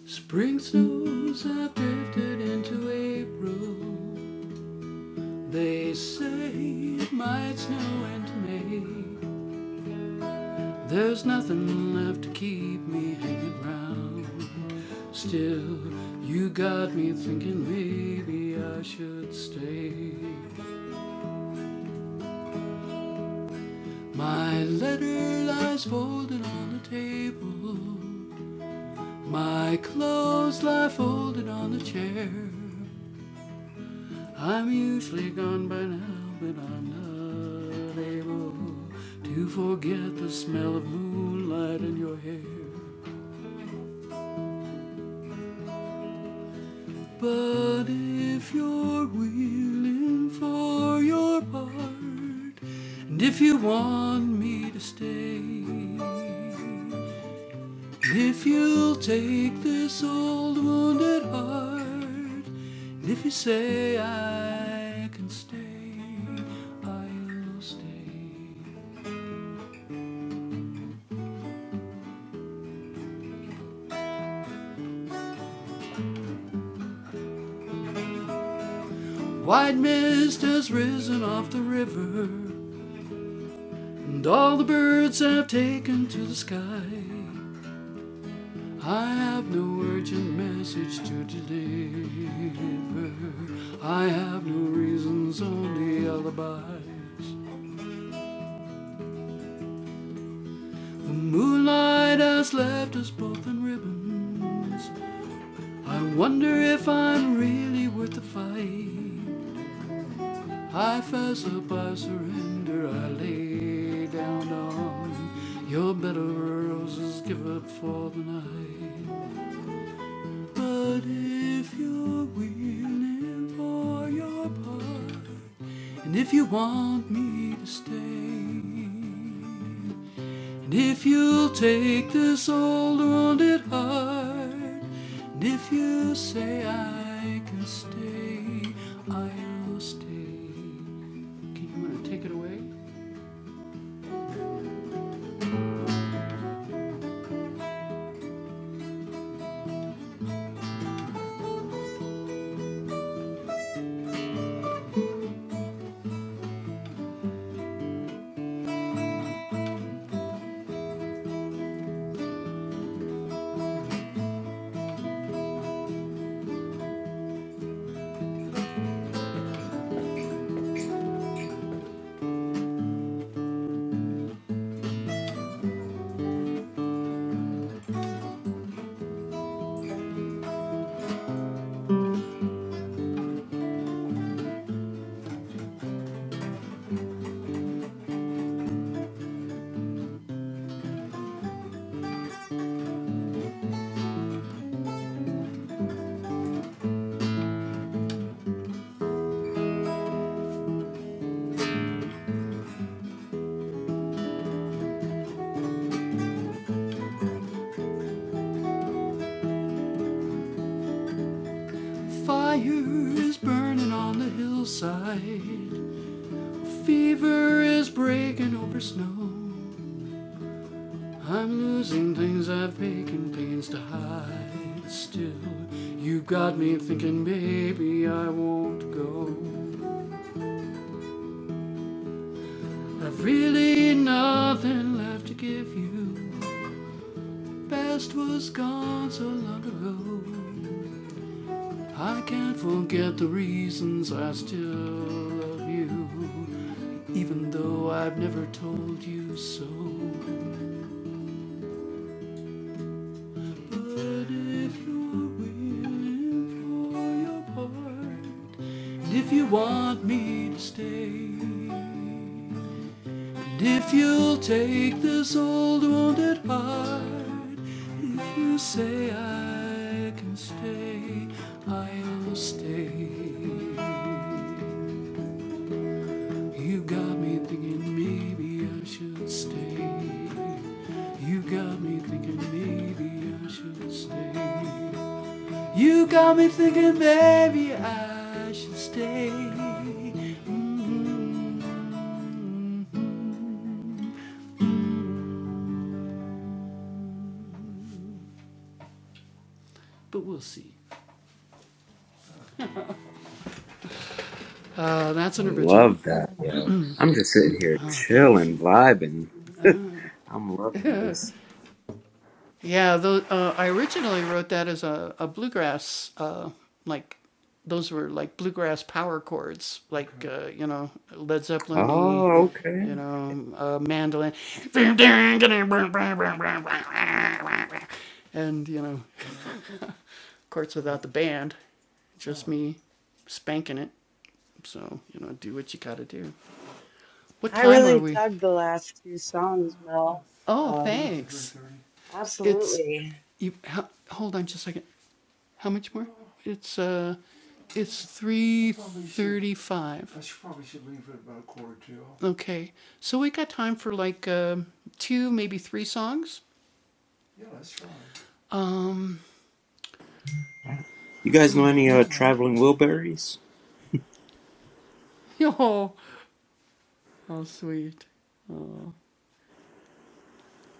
Spring snows have drifted into April. They say it might snow into May. There's nothing left to keep me hanging round. Still, you got me thinking maybe I should stay. My letter lies folded on the table. My clothes lie folded on the chair. I'm usually gone by now, but I'm not able to forget the smell of moonlight in your hair. But if you're willing for your part, and if you want me to stay, If you'll take this old wounded heart, and if you say I can stay, I'll stay. White mist has risen off the river, and all the birds have taken to the sky. I have no urgent message to deliver. I have no reasons, only alibis. The moonlight has left us both in ribbons. I wonder if I'm really worth the fight. I fess up, I surrender, I lay down on your bed of roses, give up for the night. But if you're willing for your part, and if you want me to stay, And if you'll take this old wounded heart, and if you say I can stay, I'll stay. Okay, you want to take it away? Fire is burning on the hillside, fever is breaking over snow. I'm losing things I've taken pains to hide. Still, you got me thinking, baby, I won't go. I've really nothing left to give you. Best was gone so long ago. I can't forget the reasons I still love you, even though I've never told you so. But if you're willing for your part, and if you want me to stay. And if you'll take this old wounded heart, if you say I can stay, I'll stay. You got me thinking maybe I should stay. You got me thinking maybe I should stay. You got me thinking maybe I should stay. Mhm. But we'll see. Uh, that's
I
an original.
love that, yo. I'm just sitting here
Oh, thanks.
chilling, vibing. *laughs* I'm loving this.
Yeah, though uh, I originally wrote that as a, a bluegrass, uh, like those were like bluegrass power chords, like uh, you know Led Zeppelin, y,
Oh, okay.
you know uh, mandolin, and you know, of course, without the band, just me spanking it. So you know, do what you gotta do. What
I
time are
really
we?
dug the last two songs, Mel.
Oh,
Uh,
thanks. It's
absolutely.
you. Hold on just a second. How much more? It's uh, it's three thirty-five. I should, probably should leave at about a quarter to. Okay, so we got time for like um two, maybe three songs. Yeah, that's fine. Um.
You guys know
Oh,
any
now
uh,
what?
traveling Wilburys?
*laughs* Yo, how sweet. Oh,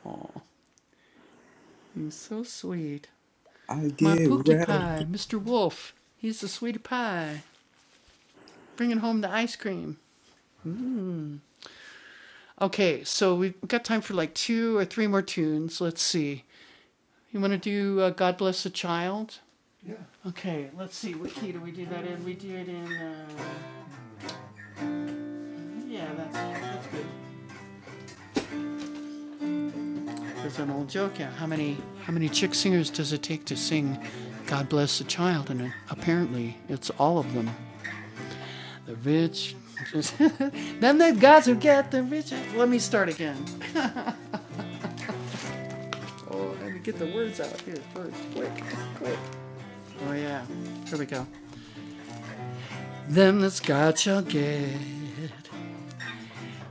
oh, he's so sweet.
I
My
get
Pookie
rattled.
Pie, Mr. Wolf. He's the sweetie pie, bringing home the ice cream. Mm. Okay, so we've got time for like two or three more tunes. Let's see. You want to do uh, God Bless the Child? Yeah. Okay, let's see. What key do we do that in? We do it in. Uh, yeah, that's. There's an old joke. Yeah, how many how many chick singers does it take to sing "God Bless the Child"? And it, apparently, it's all of them. The rich. *laughs* then the guys *laughs* who get the riches. Let me start again. Oh, I to get the words out here first, quick. Oh yeah, here we go. Them that's God shall get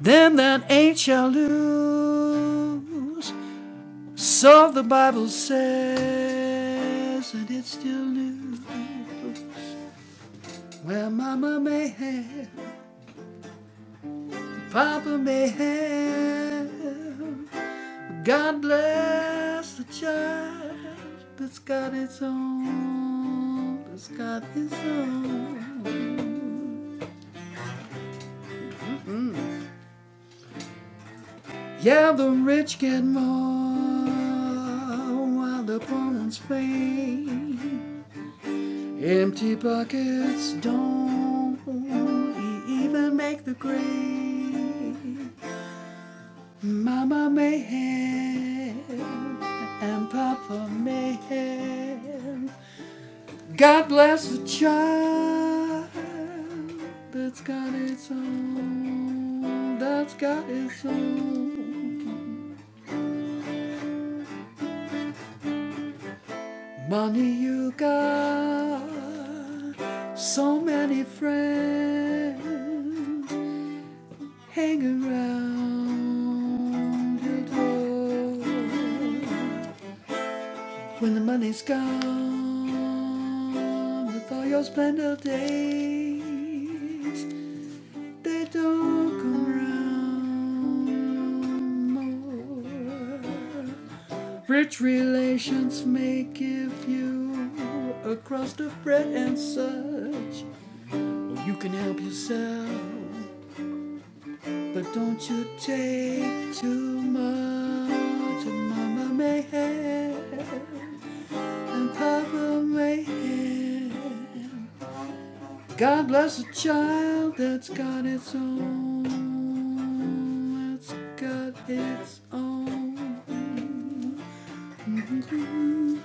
Them that ain't shall lose. So the Bible says, and it's still new. Well, Mama may have, Papa may have. God bless the child that's got its own, that's got its own. Yeah, the rich get more while the poor ones fade. Empty buckets don't e-, even make the grade. Mama may have, and Papa may have. God bless the child that's got its own, that's got its own money you got. So many friends Hang around your door when the money's gone. With all your splendid days, they don't come round no more. Rich relations may give you a crust of bread and such, or you can help yourself. But don't you take too much of Mama Mayhem and Papa Mayhem. God bless a child that's got its own. That's got its own. *laughs*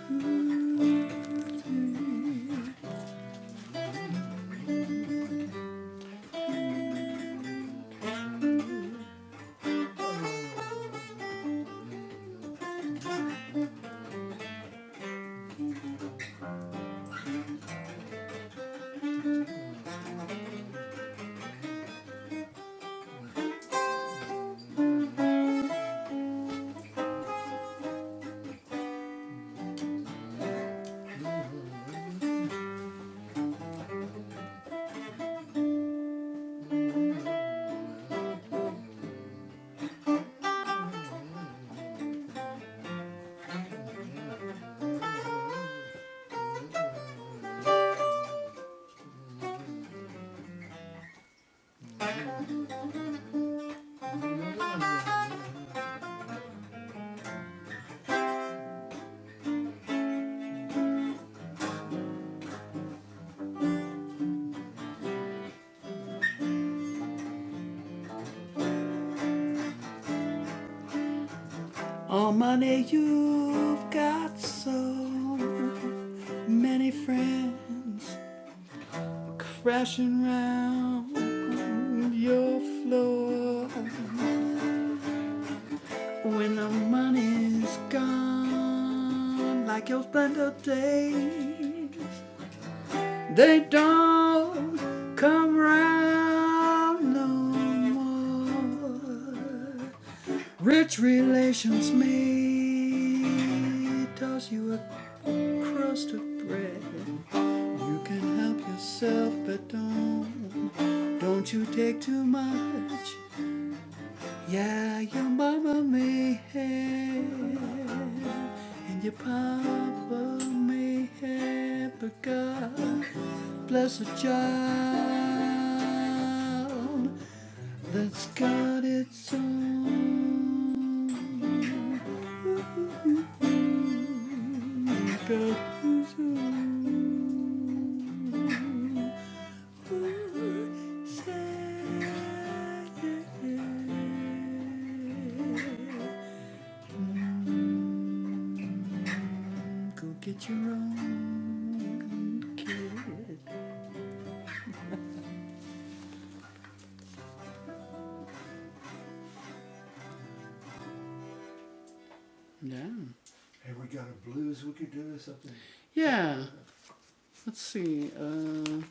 Mm-hmm. Oh, money, you've got so many friends crashing round your floor. When the money's gone, like your splendid days, They don't come round no more. Rich relations may toss you a crust of bread. You can help yourself, but don't don't you take too much. Yeah, your mama may have, and your papa may have, but God. Blessed child that's got its own. Got its own. Go get your own kid. Yeah. Hey, we got a blues we could do or something. Yeah. Let's see. Uh,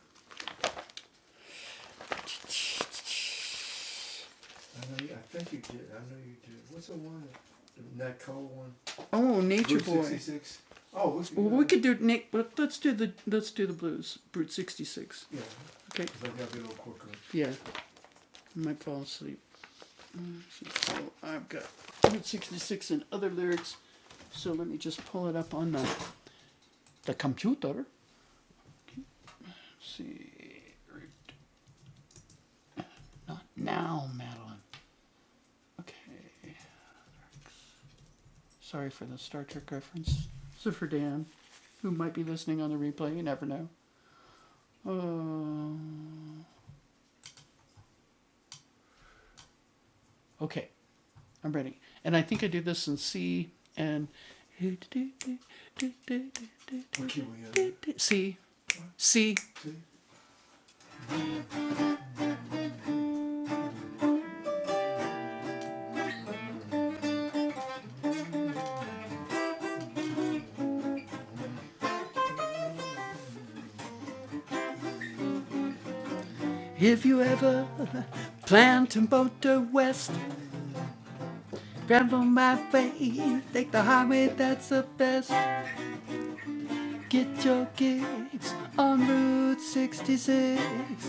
I know you, I think you did. I know you did. What's the one? The Nat Cole one? Oh, Nature Route Boy. 66? Oh, what's Well, we could do Nick. But let's do the let's do the blues. Brute sixty six. Yeah, Okay. 'cause I got a little quicker. Yeah, I might fall asleep. Mm, So so I've got Brute 66 and other lyrics. So let me just pull it up on the, the computer. Let's see, not now, Madeline. Okay. Sorry for the Star Trek reference. So for Dan, who might be listening on the replay, you never know. Uh, okay, I'm ready. And I think I do this in C and. C. C. If you ever plan to motor west, travel my way, take the highway that's the best. Get your gigs on Route 66.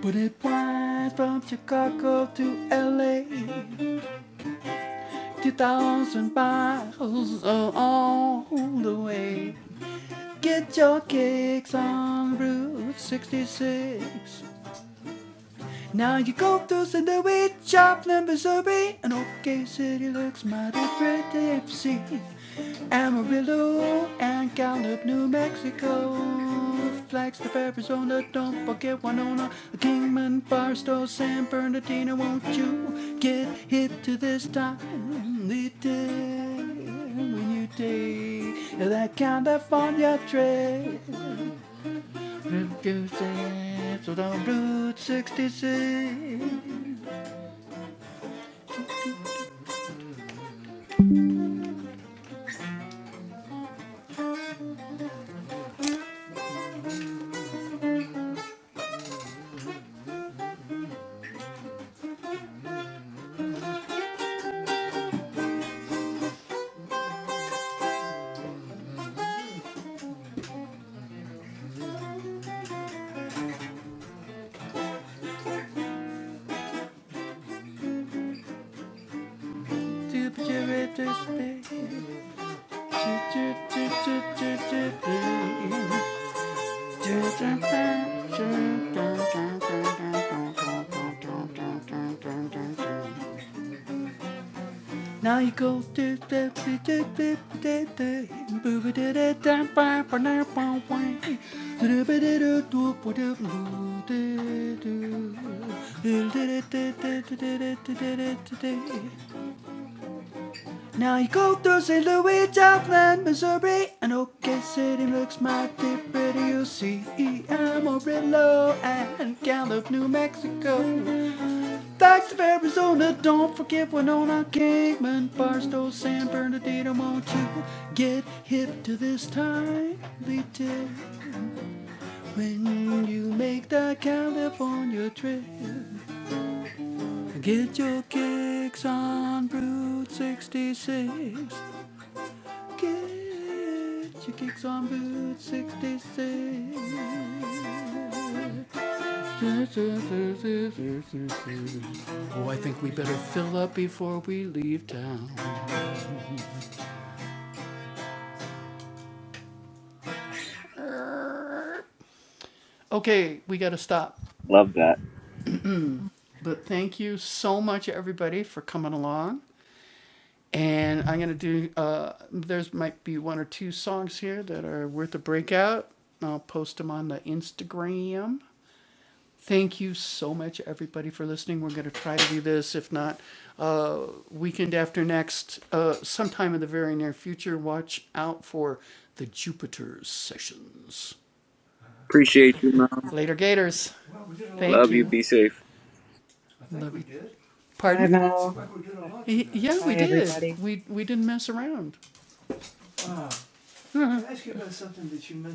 But it winds from Chicago to LA, 2,000 miles all the way. Get your kicks on Route 66. Now you go through send the wheat shop in Missouri, and OK City looks mighty pretty if you see Amarillo and Gallup, New Mexico. Flagstaff, Arizona, don't forget Winona, Kingman, Barstow, San Bernardino. Won't you get hit to this timely day when you take that California trip? Route 66, so don't Route 66. To be Now you go to the boob Now you go through St. Louis, Dublin, Missouri, and OK City looks mighty pretty. You see Amarillo and Gallup, New Mexico. Thanks of Arizona, don't forget Winona, Kingman, Barstow, San Bernardino. Won't you get hip to this timely tip when you make that California trip? Get your kicks on Route 66. Get your kicks on Boot 66. Oh, I think we better fill up before we leave town. Okay, we got to stop.
Love that.
But thank you so much, everybody, for coming along. And I'm going to do, uh, there's might be one or two songs here that are worth a breakout. I'll post them on the Instagram. Thank you so much, everybody, for listening. We're going to try to do this, if not uh, weekend after next, uh, sometime in the very near future. Watch out for the Jupiter sessions.
Appreciate you, Mom.
Later, Gators. Well, we did a lot, Thank
Love
you.
you.
we?
Be safe.
I think we did.
Bye,
Pardon? Seemed
Mel.
like we did a lot.
Bye,
Yeah, we
bye,
did.
everybody.
We we didn't mess around. Wow. *laughs* Can I ask you about something that you mentioned